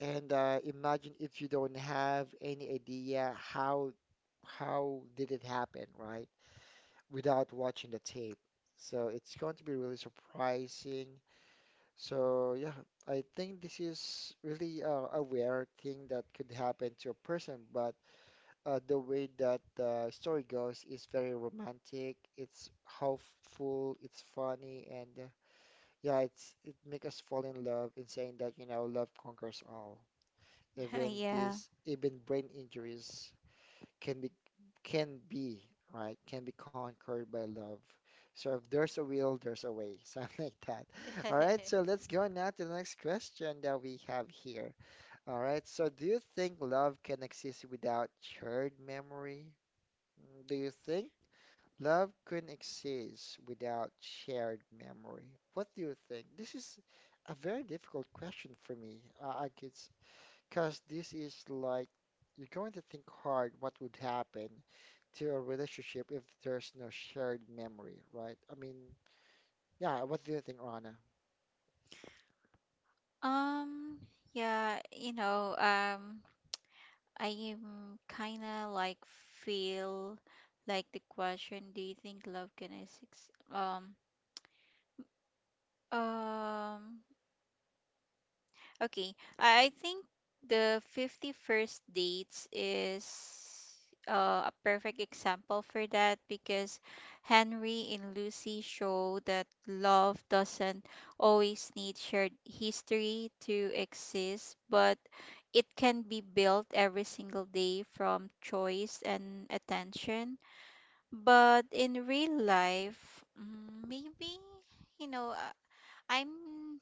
[SPEAKER 1] and uh, imagine if you don't have any idea how how did it happen, right? Without watching the tape. So it's going to be really surprising. So yeah, I think this is really uh, a rare thing that could happen to a person, but uh, the way that the story goes is very romantic. It's hopeful. It's funny, and uh, yeah, it's it makes us fall in love in saying that you know love conquers all. Even
[SPEAKER 2] Yeah.
[SPEAKER 1] this, even brain injuries can be can be right can be conquered by love. So if there's a will, there's a way, something like that. All right, so let's go now to the next question that we have here. All right, so do you think love can exist without shared memory? Mm. Do you think love couldn't exist without shared memory? What do you think? This is a very difficult question for me. Uh, I guess because this is like you're going to think hard what would happen to a relationship if there's no shared memory, right? I mean, yeah, what do you think, Rana?
[SPEAKER 2] um yeah, you know, um I'm kind of like feel like the question, do you think love can exist? um Um, okay. I I think the fifty-first dates is uh, a perfect example for that because Henry and Lucy show that love doesn't always need shared history to exist, but it can be built every single day from choice and attention. But in real life, mm, maybe, you know, I'm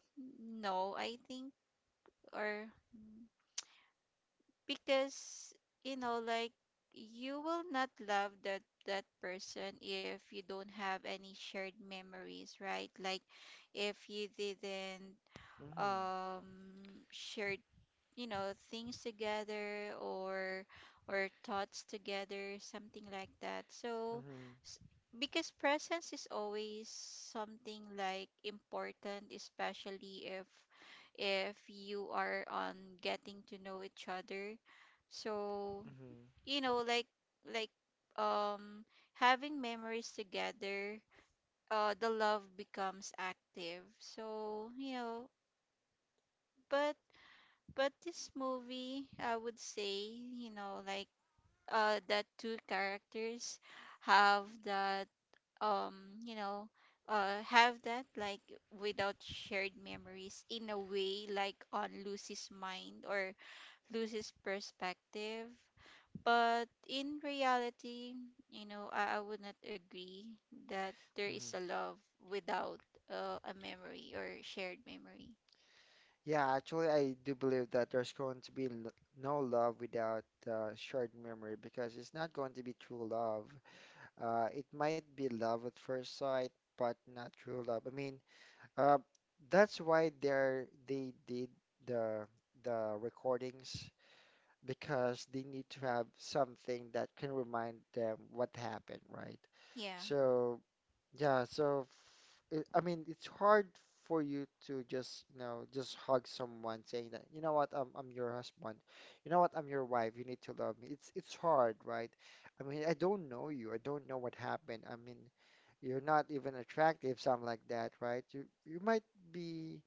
[SPEAKER 2] no, I think, or mm, because you know like you will not love that that person if you don't have any shared memories, right? Like if you didn't
[SPEAKER 1] Mm-hmm.
[SPEAKER 2] um shared, you know, things together, or or thoughts together, something like that. So
[SPEAKER 1] Mm-hmm.
[SPEAKER 2] s- because presence is always something like important, especially if if you are on getting to know each other. So
[SPEAKER 1] Mm-hmm.
[SPEAKER 2] you know like like um having memories together, uh the love becomes active. So you know, but but this movie, I would say, you know, like uh the two characters have that, um, you know, uh have that like without shared memories in a way, like on Lucy's mind or Lucy's perspective. But in reality, you know, I, I would not agree that there is a
[SPEAKER 1] Mm-hmm.
[SPEAKER 2] love without uh, a memory or shared memory.
[SPEAKER 1] Yeah, actually, I do believe that there's going to be l no love without uh, shared memory because it's not going to be true love. Uh, it might be love at first sight, but not true love. I mean, uh, that's why they're they did the the recordings because they need to have something that can remind them what happened, right?
[SPEAKER 2] Yeah.
[SPEAKER 1] So yeah, so f- it, I mean, it's hard for you to just, you know, just hug someone saying that, you know what, I'm I'm your husband. You know what, I'm your wife. You need to love me. It's it's hard, right? I mean, I don't know you. I don't know what happened. I mean, you're not even attractive, something like that, right? You you might be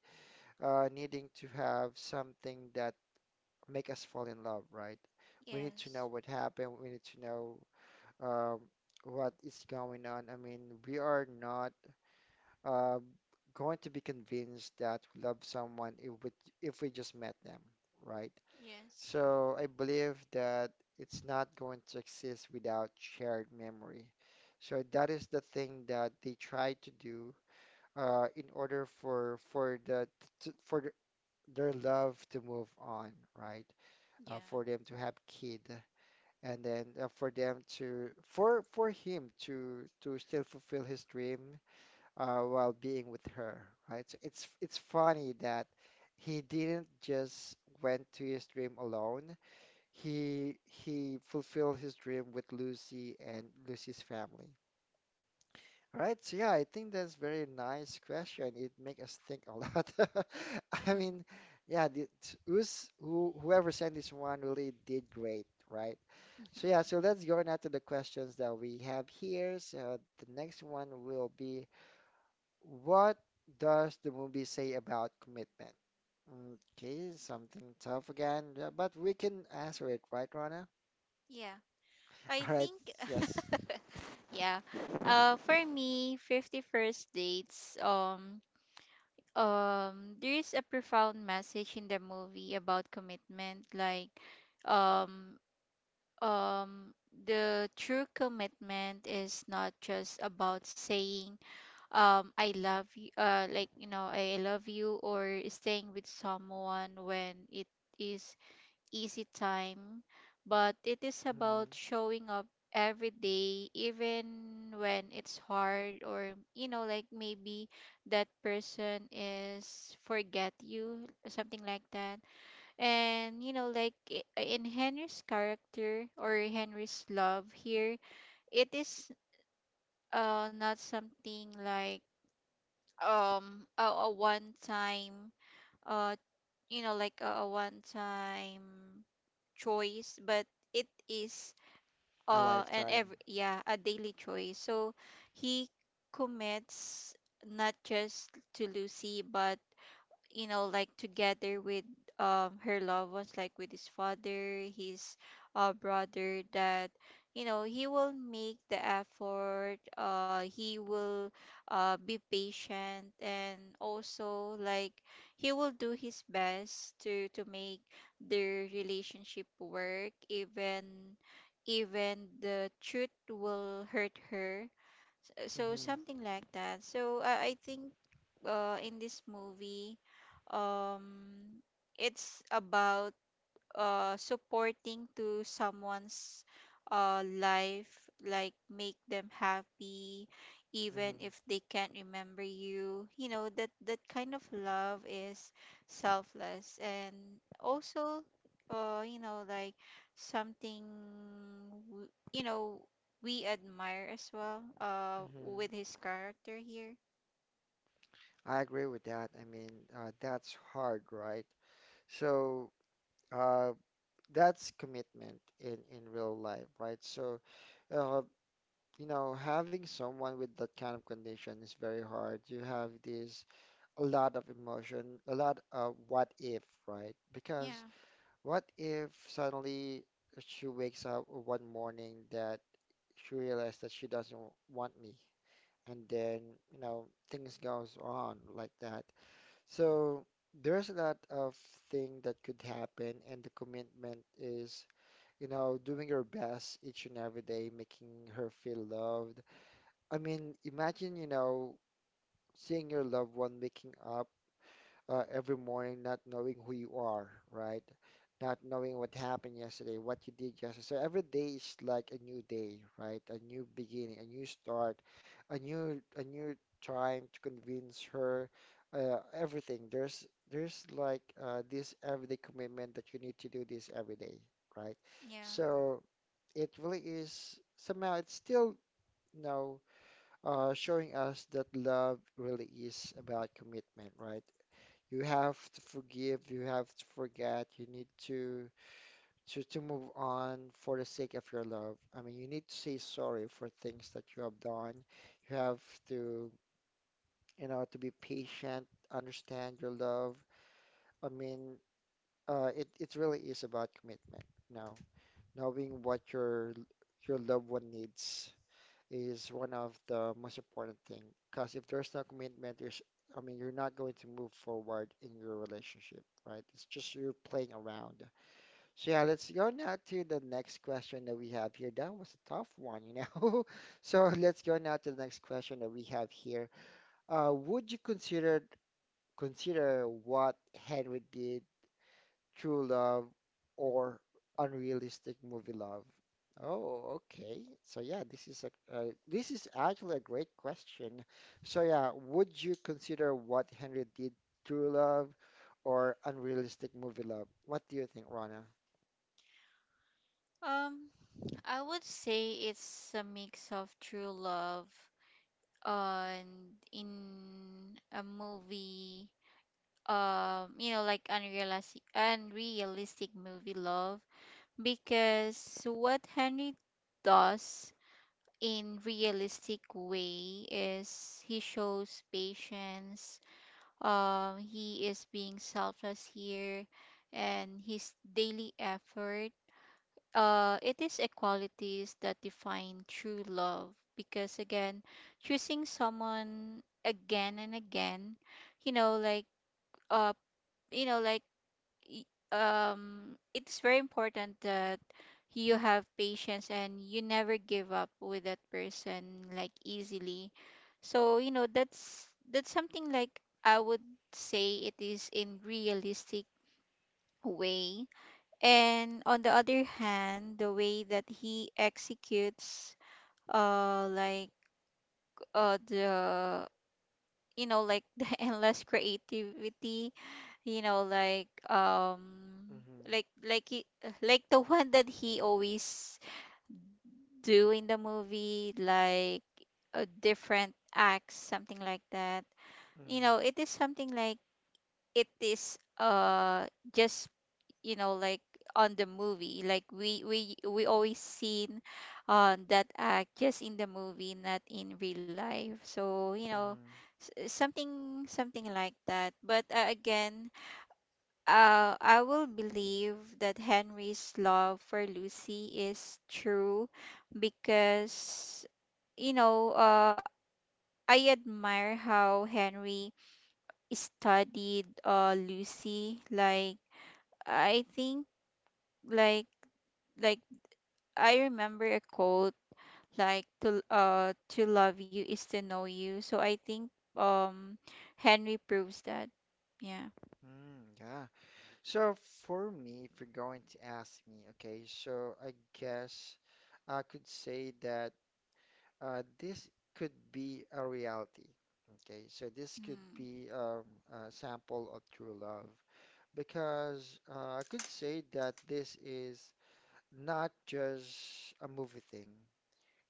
[SPEAKER 1] uh, needing to have something that make us fall in love, right? We need to know
[SPEAKER 2] Yes.
[SPEAKER 1] what happened. We need to know um, what is going on. I mean, we are not uh, going to be convinced that we love someone if we, if we just met them, right?
[SPEAKER 2] Yes.
[SPEAKER 1] So I believe that it's not going to exist without shared memory. So that is the thing that they try to do uh, in order for for the to, for the, their love to move on, right? Uh,
[SPEAKER 2] Yeah.
[SPEAKER 1] for them to have kid, and then uh, for them to for for him to to still fulfill his dream, uh, while being with her, right? So it's it's funny that he didn't just went to his dream alone. He he fulfilled his dream with Lucy and Lucy's family. All right, so yeah, I think that's very nice question. It make us think a lot. I
[SPEAKER 2] Mhm.
[SPEAKER 1] mean, yeah, the, t- who's, who, whoever sent this one really did great, right? So yeah, so let's go now to the questions that we have here. So the next one will be what does the movie say about commitment? Okay, something tough again, yeah, but we can answer it, right, Rana?
[SPEAKER 2] Yeah, I
[SPEAKER 1] All right,
[SPEAKER 2] think,
[SPEAKER 1] yes.
[SPEAKER 2] yeah. Uh, for me, fifty-first dates, um, um, there is a profound message in the movie about commitment. Like, um, um, the true commitment is not just about saying, um, I love you, uh, like, you know, I love you, or staying with someone when it is easy time, but it is about
[SPEAKER 1] Mhm.
[SPEAKER 2] showing up every day, even when it's hard, or you know, like maybe that person is forget you, something like that. And you know, like i- in Henry's character or Henry's love here, it is uh not something like um a, a one time uh you know like a, a one time choice, but it is
[SPEAKER 1] A
[SPEAKER 2] uh and
[SPEAKER 1] lifetime.
[SPEAKER 2] every, yeah, a daily choice. So he commits not just to Lucy, but you know like together with um her loved ones, like with his father, his uh, brother, that you know he will make the effort, uh he will uh be patient, and also like he will do his best to to make their relationship work, even even the truth will hurt her. uh, So
[SPEAKER 1] Hmm.
[SPEAKER 2] something like that. So I, I think uh, in this movie, um, it's about uh supporting to someone's uh life, like make them happy even
[SPEAKER 1] Hmm.
[SPEAKER 2] if they can't remember you. You know, that that kind of love is selfless, and also uh you know like something w- you know, we admire as well uh
[SPEAKER 1] Hmm.
[SPEAKER 2] with his character here,
[SPEAKER 1] I agree with that. I mean, uh, that's hard, right? So, uh, that's commitment in in real life, right? So, uh, you know, having someone with that kind of condition is very hard. You have this a lot of emotion, a lot of what if, right? Because
[SPEAKER 2] yeah.
[SPEAKER 1] what if suddenly she wakes up one morning that she realized that she doesn't want me, and then, you know, things goes on like that. So there's a lot of thing that could happen, and the commitment is, you know, doing your best each and every day, making her feel loved. I mean, imagine, you know, seeing your loved one waking up uh, every morning not knowing who you are, right? Not knowing what happened yesterday, what you did yesterday. So every day is like a new day, right? A new beginning, a new start, a new a new trying to convince her, uh, everything. There's there's like uh, this everyday commitment that you need to do this every day, right?
[SPEAKER 2] Yeah,
[SPEAKER 1] So it really is somehow it's still, you know, uh, showing us that love really is about commitment, right? You have to forgive, you have to forget, you need to to to move on for the sake of your love. I mean, you need to say sorry for things that you have done. You have to, you know, to be patient, understand your love. I mean, uh, it it really is about commitment, you know, knowing what your your loved one needs is one of the most important thing. Because if there's no commitment, there's, I mean, you're not going to move forward in your relationship, right? It's just you're playing around. So yeah, let's go now to the next question that we have here. That was a tough one, you know. So let's go now to the next question that we have here. Uh, would you consider consider what Henry did true love or unrealistic movie love? Oh, okay. So yeah, this is a uh, this is actually a great question. So yeah, would you consider what Henry did true love or unrealistic movie love? What do you think, Rana?
[SPEAKER 2] um I would say it's a mix of true love on in a movie, um you know, like unrealistic unrealistic movie love. Because what Henry does in realistic way is he shows patience, um he is being selfless here, and his daily effort, uh, it is equalities that define true love. Because again, choosing someone again and again, you know like uh you know like y- um it's very important that you have patience and you never give up with that person like easily. So you know that's that's something like I would say it is in realistic way. And on the other hand, the way that he executes uh like uh the you know like the endless creativity, you know like um
[SPEAKER 1] Mm-hmm.
[SPEAKER 2] like like he, like the one that he always do in the movie, like a different acts, something like that. You
[SPEAKER 1] Mm-hmm.
[SPEAKER 2] know, it is something like it is uh just you know like on the movie, like we we we always seen uh, that act just in the movie, not in real life. So you know
[SPEAKER 1] Mm-hmm.
[SPEAKER 2] s- eh, something, something like that. But uh, again, uh, I will believe that Henry's love for Lucy is true, because you know, uh, I admire how Henry studied uh, Lucy, like I think like like I remember a quote like to uh to love you is to know you. So I think um Henry proves that. Yeah.
[SPEAKER 1] Mm, yeah. So for me, if you're going to ask me, okay, so I guess I could say that uh, this could be a reality. Okay, so this could
[SPEAKER 2] Mm,
[SPEAKER 1] be um, a sample of true love because uh, I could say that this is not just a movie thing,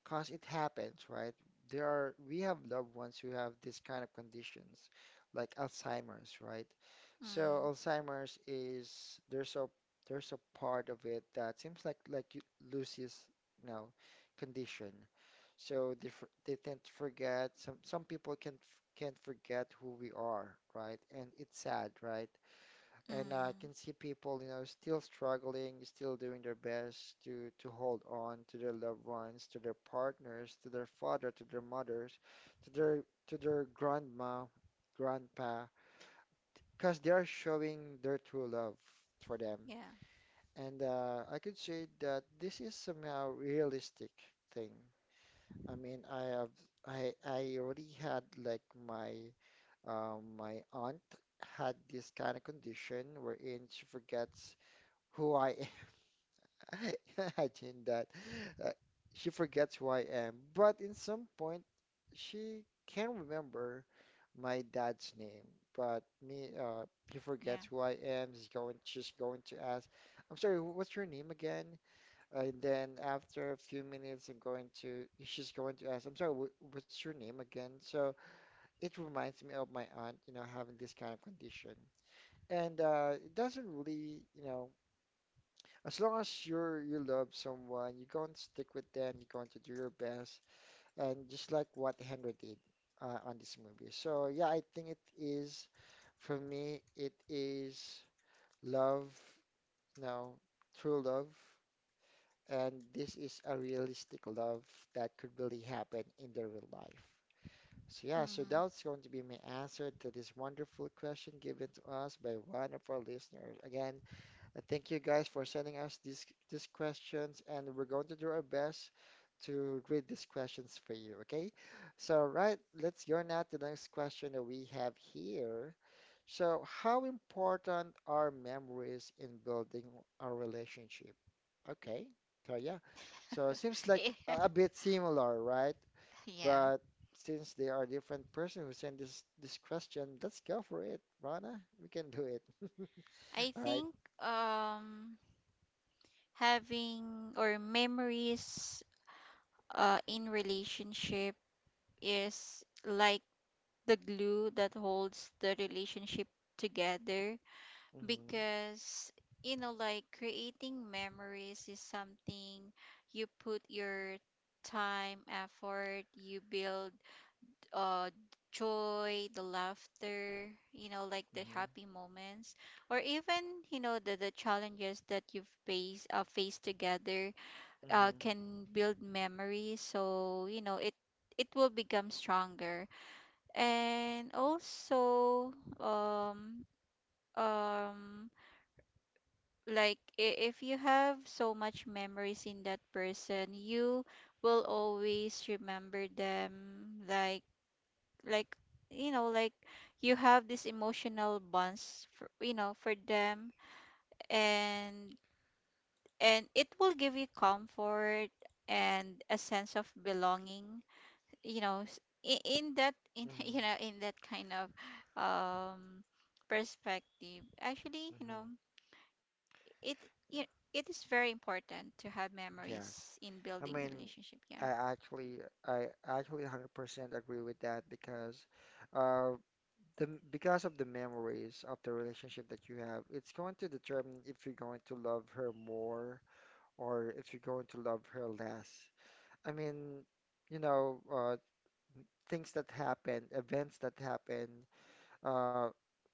[SPEAKER 1] cause it happens, right? There are we have loved ones who have this kind of conditions, like Alzheimer's, right? So
[SPEAKER 2] mm,
[SPEAKER 1] Alzheimer's is there's a there's a part of it that seems like like you- Lucy's, you know, condition so they for, they tend to forget. Some some people can't f- can't forget who we are, right? And it's sad, right? And I
[SPEAKER 2] mm.
[SPEAKER 1] can see people, you know, still struggling, still doing their best to to hold on to their loved ones, to their partners, to their father, to their mothers, to their to their grandma, grandpa, because they are showing their true love for them.
[SPEAKER 2] Yeah,
[SPEAKER 1] And uh, I could say that this is somehow realistic thing. I mean, I have I I already had like my um my aunt had this kind of condition wherein she forgets who I am. Imagine that. Uh, she forgets who I am, but in some point she can remember my dad's name. But me, uh, he
[SPEAKER 2] yeah.
[SPEAKER 1] forgets who I am. He's going, she's going to ask, "I'm sorry, wh- what's your name again?" And then after a few minutes, I'm going to, she's going to ask, I'm sorry, wh- what's your name again? So it reminds me of my aunt, you know, having this kind of condition. And uh, it doesn't really, you know, as long as you're you love someone, you're going to stick with them, you're going to do your best, and just like what Henry did uh, on this movie. So yeah, I think it is, for me, it is love, you know, true love. And this is a realistic love that could really happen in the real life. So yeah, so that's going to be my answer to this wonderful question given to us by one of our listeners. Again, uh, Thank you guys for sending us these these questions, and we're going to do our best to read these questions for you, okay? So, right, let's go now to the next question that we have here. So, how important are memories in building a relationship? Okay, so yeah, so it seems
[SPEAKER 2] Mm.
[SPEAKER 1] like a a bit similar, right?
[SPEAKER 2] Yeah.
[SPEAKER 1] But since they are different person who sent this this question, let's go for it, Rana. We can do it.
[SPEAKER 2] I
[SPEAKER 1] All right.
[SPEAKER 2] think um having or memories uh in relationship is like the glue that holds the relationship together.
[SPEAKER 1] Mhm.
[SPEAKER 2] Because you know like creating memories is something you put your time, effort, you build uh joy, the laughter, you know like the
[SPEAKER 1] Mm-hmm.
[SPEAKER 2] happy moments, or even you know the, the challenges that you've faced uh, faced together, uh,
[SPEAKER 1] Mm-hmm.
[SPEAKER 2] can build memories. So you know it it will become stronger. And also, um um like i- if you have so much memories in that person, you will always remember them, like like you know like you have these emotional bonds for you know for them, and and it will give you comfort and a sense of belonging. You know, s- i- in that in
[SPEAKER 1] Mm-hmm.
[SPEAKER 2] you know in that kind of um perspective actually, you know,
[SPEAKER 1] Mm-hmm.
[SPEAKER 2] it it, it is very important to have memories in
[SPEAKER 1] Yes.
[SPEAKER 2] building
[SPEAKER 1] I mean,
[SPEAKER 2] relationship, yeah.
[SPEAKER 1] I actually, I actually one hundred percent agree with that because, uh, the m- because of the memories of the relationship that you have, it's going to determine if you're going to love her more or if you're going to love her less. I mean, you know, uh, things that happen, events that happen. uh,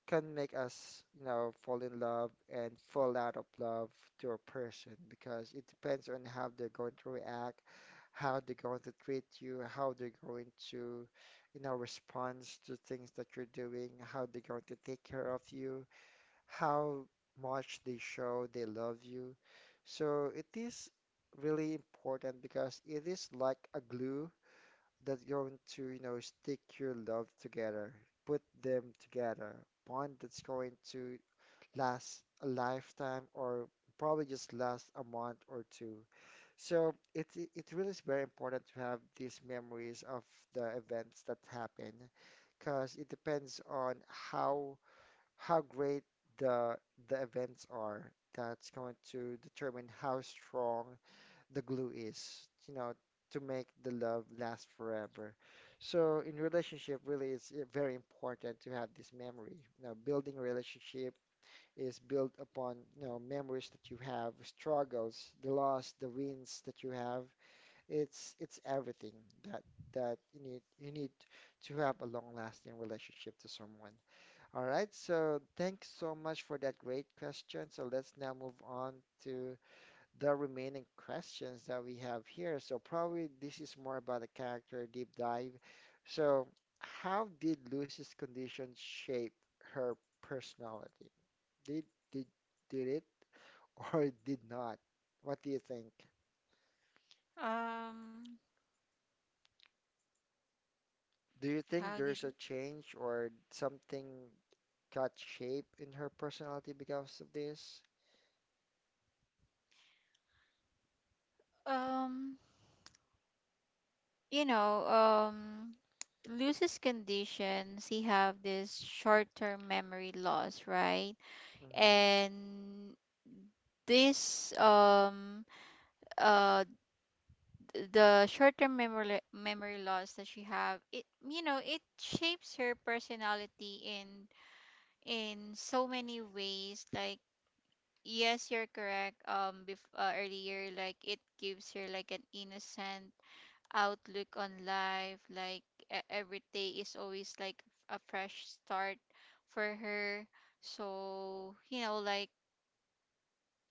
[SPEAKER 1] can make us, you know, fall in love and fall out of love to a person because it depends on how they're going to react, how they're going to treat you, how they're going to, you know, respond to things that you're doing, how they're going to take care of you, how much they show they love you. So it is really important because it is like a glue that's going to, you know, stick your love together, put them together, bond that's going to last a lifetime or probably just last a month or two. So it it it really is very important to have these memories of the events that happen because it depends on how how great the the events are. That's going to determine how strong the glue is, you know, to make the love last forever. So in relationship, really, it's uh, very important to have this memory. You know, building a relationship is built upon, you know, memories that you have, struggles, the loss, the wins that you have. It's it's everything that that you need you need to have a long-lasting relationship to someone. All right, so thanks so much for that great question. So let's now move on to the remaining questions that we have here. So probably this is more about the character deep dive. So how did Lucy's condition shape her personality? Did did did it or did not? What do you think?
[SPEAKER 2] um
[SPEAKER 1] Do you
[SPEAKER 2] how
[SPEAKER 1] think
[SPEAKER 2] did
[SPEAKER 1] there's a change or something got shape in her personality because of this?
[SPEAKER 2] um you know, um Lucy's conditions he have this short-term memory loss, right?
[SPEAKER 1] Mm-hmm.
[SPEAKER 2] And this um uh th- the short-term memory memory loss that she have it, you know, it shapes her personality in in so many ways, like, yes, you're correct. Um, bef uh, earlier, like it gives her like an innocent outlook on life. Like e- every day is always like a fresh start for her. So, you know, like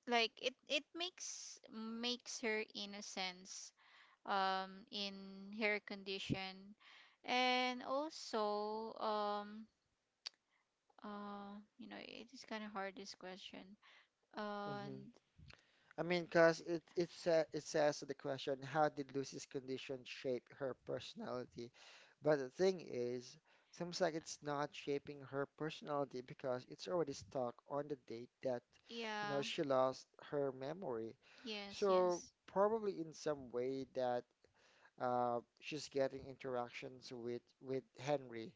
[SPEAKER 2] like it it makes makes her innocence um in her condition. And also, um, uh, you know, it is kind of hard this question. And
[SPEAKER 1] I mean, because it it sa it says in the question, how did Lucy's condition shape her personality? But the thing is, seems like it's not shaping her personality because it's already stuck on the date that, you know,
[SPEAKER 2] yeah,
[SPEAKER 1] she lost her memory.
[SPEAKER 2] yes,
[SPEAKER 1] So
[SPEAKER 2] yes.
[SPEAKER 1] probably in some way that uh, she's getting interactions with with Henry.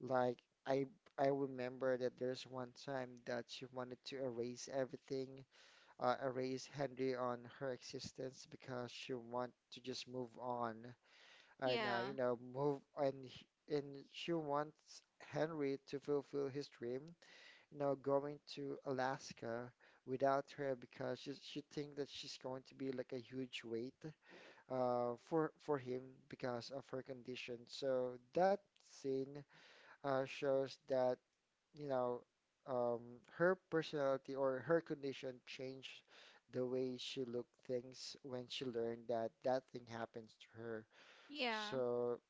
[SPEAKER 1] Like I I remember that there's one time that she wanted to erase everything uh, erase Henry on her existence because she want to just move on and uh,
[SPEAKER 2] Yeah,
[SPEAKER 1] you know move and h- and she wants Henry to fulfill his dream, you know, going to Alaska without her because she she think that she's going to be like a huge weight uh for for him because of her condition. So that scene uh shows that you know, um, her personality or her condition changed the way she looked things when she learned that that thing happens to her.
[SPEAKER 2] yeah,
[SPEAKER 1] So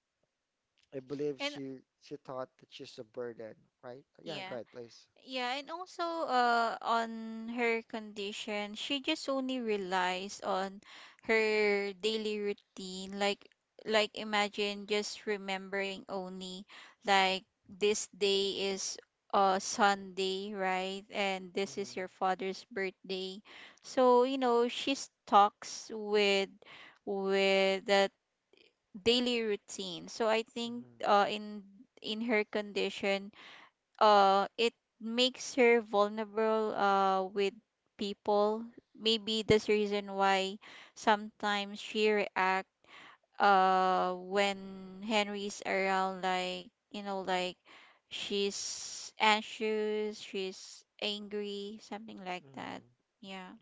[SPEAKER 1] I believe
[SPEAKER 2] and
[SPEAKER 1] she she thought that she's a burden, right? Yeah,
[SPEAKER 2] yeah,
[SPEAKER 1] go ahead, please.
[SPEAKER 2] yeah, and also uh on her condition, she just only relies on her daily routine. Like, like imagine just remembering only like this day is uh Sunday, right? And this is
[SPEAKER 1] Mm-hmm,
[SPEAKER 2] your father's birthday. So, you know, she talks with with the daily routine. So I think
[SPEAKER 1] mm-hmm,
[SPEAKER 2] uh, in in her condition, uh, it makes her vulnerable uh, with people. Maybe that's the reason why sometimes she react uh, when Henry's around, like you know, like she's anxious, she's angry, something like that.
[SPEAKER 1] mm-hmm.
[SPEAKER 2] Yeah.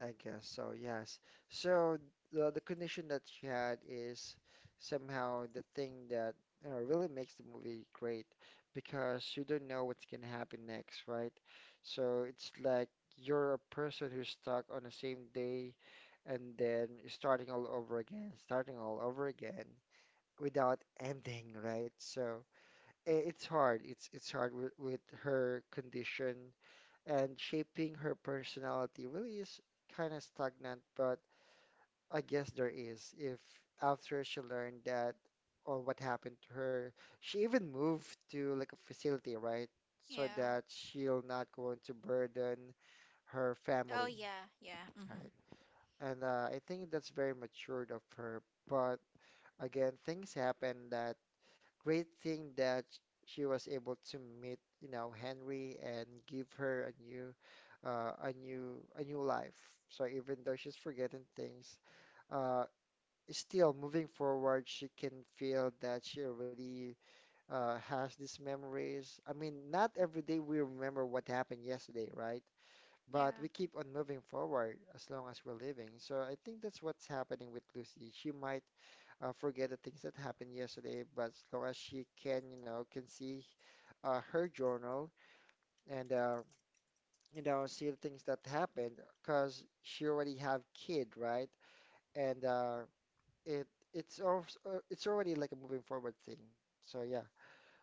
[SPEAKER 1] I guess so, yes. So the, the condition that you had is somehow the thing that you know, really makes the movie great because you don't know what's gonna happen next, right? So it's like you're a person who's stuck on the same day and then starting all over again, starting all over again without ending, right? So i- it's hard. It's it's hard with, with her condition and shaping her personality really is kind of stagnant, but I guess there is. If after she learned that or what happened to her, she even moved to like a facility, right? So
[SPEAKER 2] Yeah.
[SPEAKER 1] that she'll not going to burden her
[SPEAKER 2] Oh
[SPEAKER 1] family,
[SPEAKER 2] yeah, yeah. Mm-hmm.
[SPEAKER 1] right? And uh, I think that's very matured of her. But again, things happen that great thing that she was able to meet, you know, Henry and give her a new, uh, a new, a new life. So even though she's forgetting things, uh, still moving forward, she can feel that she already uh, has these memories. I mean, not every day we remember what happened yesterday, right? But
[SPEAKER 2] Yeah.
[SPEAKER 1] we keep on moving forward as long as we're living. So I think that's what's happening with Lucy. She might uh, forget the things that happened yesterday, but as long as she can, you know, can see uh, her journal and uh, you know see the things that happened, because she already have kid, right? And uh, it it's also, it's already like a moving forward thing. So yeah.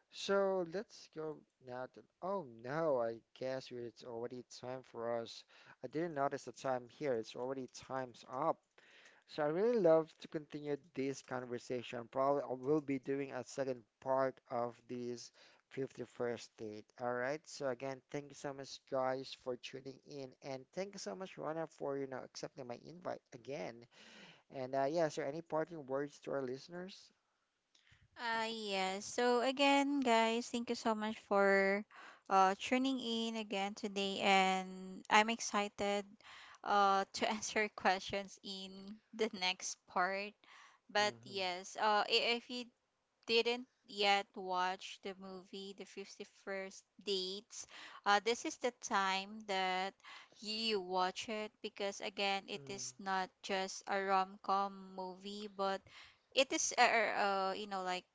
[SPEAKER 1] So let's go now to. Oh no, I guess we- it's already time for us. I didn't notice the time here. It's already time's up. So I really love to continue this conversation. Probably I will be doing a second part of this fifty-first date. All right. So again, thank you so much, guys, for tuning in, and thank you so much, Rona, for you know accepting my invite again. And uh, yeah, so any parting words to our listeners?
[SPEAKER 2] Uh, yes. So again, guys, thank you so much for uh, tuning in again today, and I'm excited uh, to answer questions in the next part. But
[SPEAKER 1] Mm-hmm.
[SPEAKER 2] yes, uh, i- if you didn't yet watch the movie The fifty-first Dates, uh, this is the time that you watch it, because again, it is not just a rom-com movie, but it is uh, uh, you know like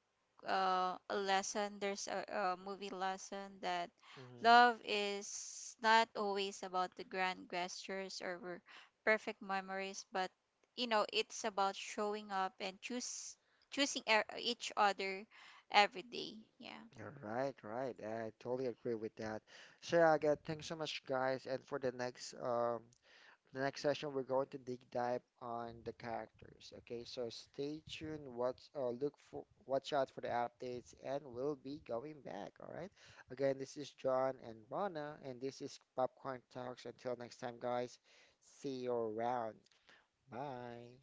[SPEAKER 2] uh, a lesson, there's a, a movie lesson that
[SPEAKER 1] Mm-hmm.
[SPEAKER 2] love is not always about the grand gestures or perfect memories, but you know it's about showing up and choose choosing e- each other every day, yeah.
[SPEAKER 1] You're right, right. I totally agree with that. So yeah, again, thanks so much, guys, and for the next um the next session, we're going to dig dive on the characters. Okay, so stay tuned. Watch, uh, look for, watch out for the updates, and we'll be going back. All right. Again, this is John and Rana, and this is Popcorn Talks. Until next time, guys. See you around. Bye.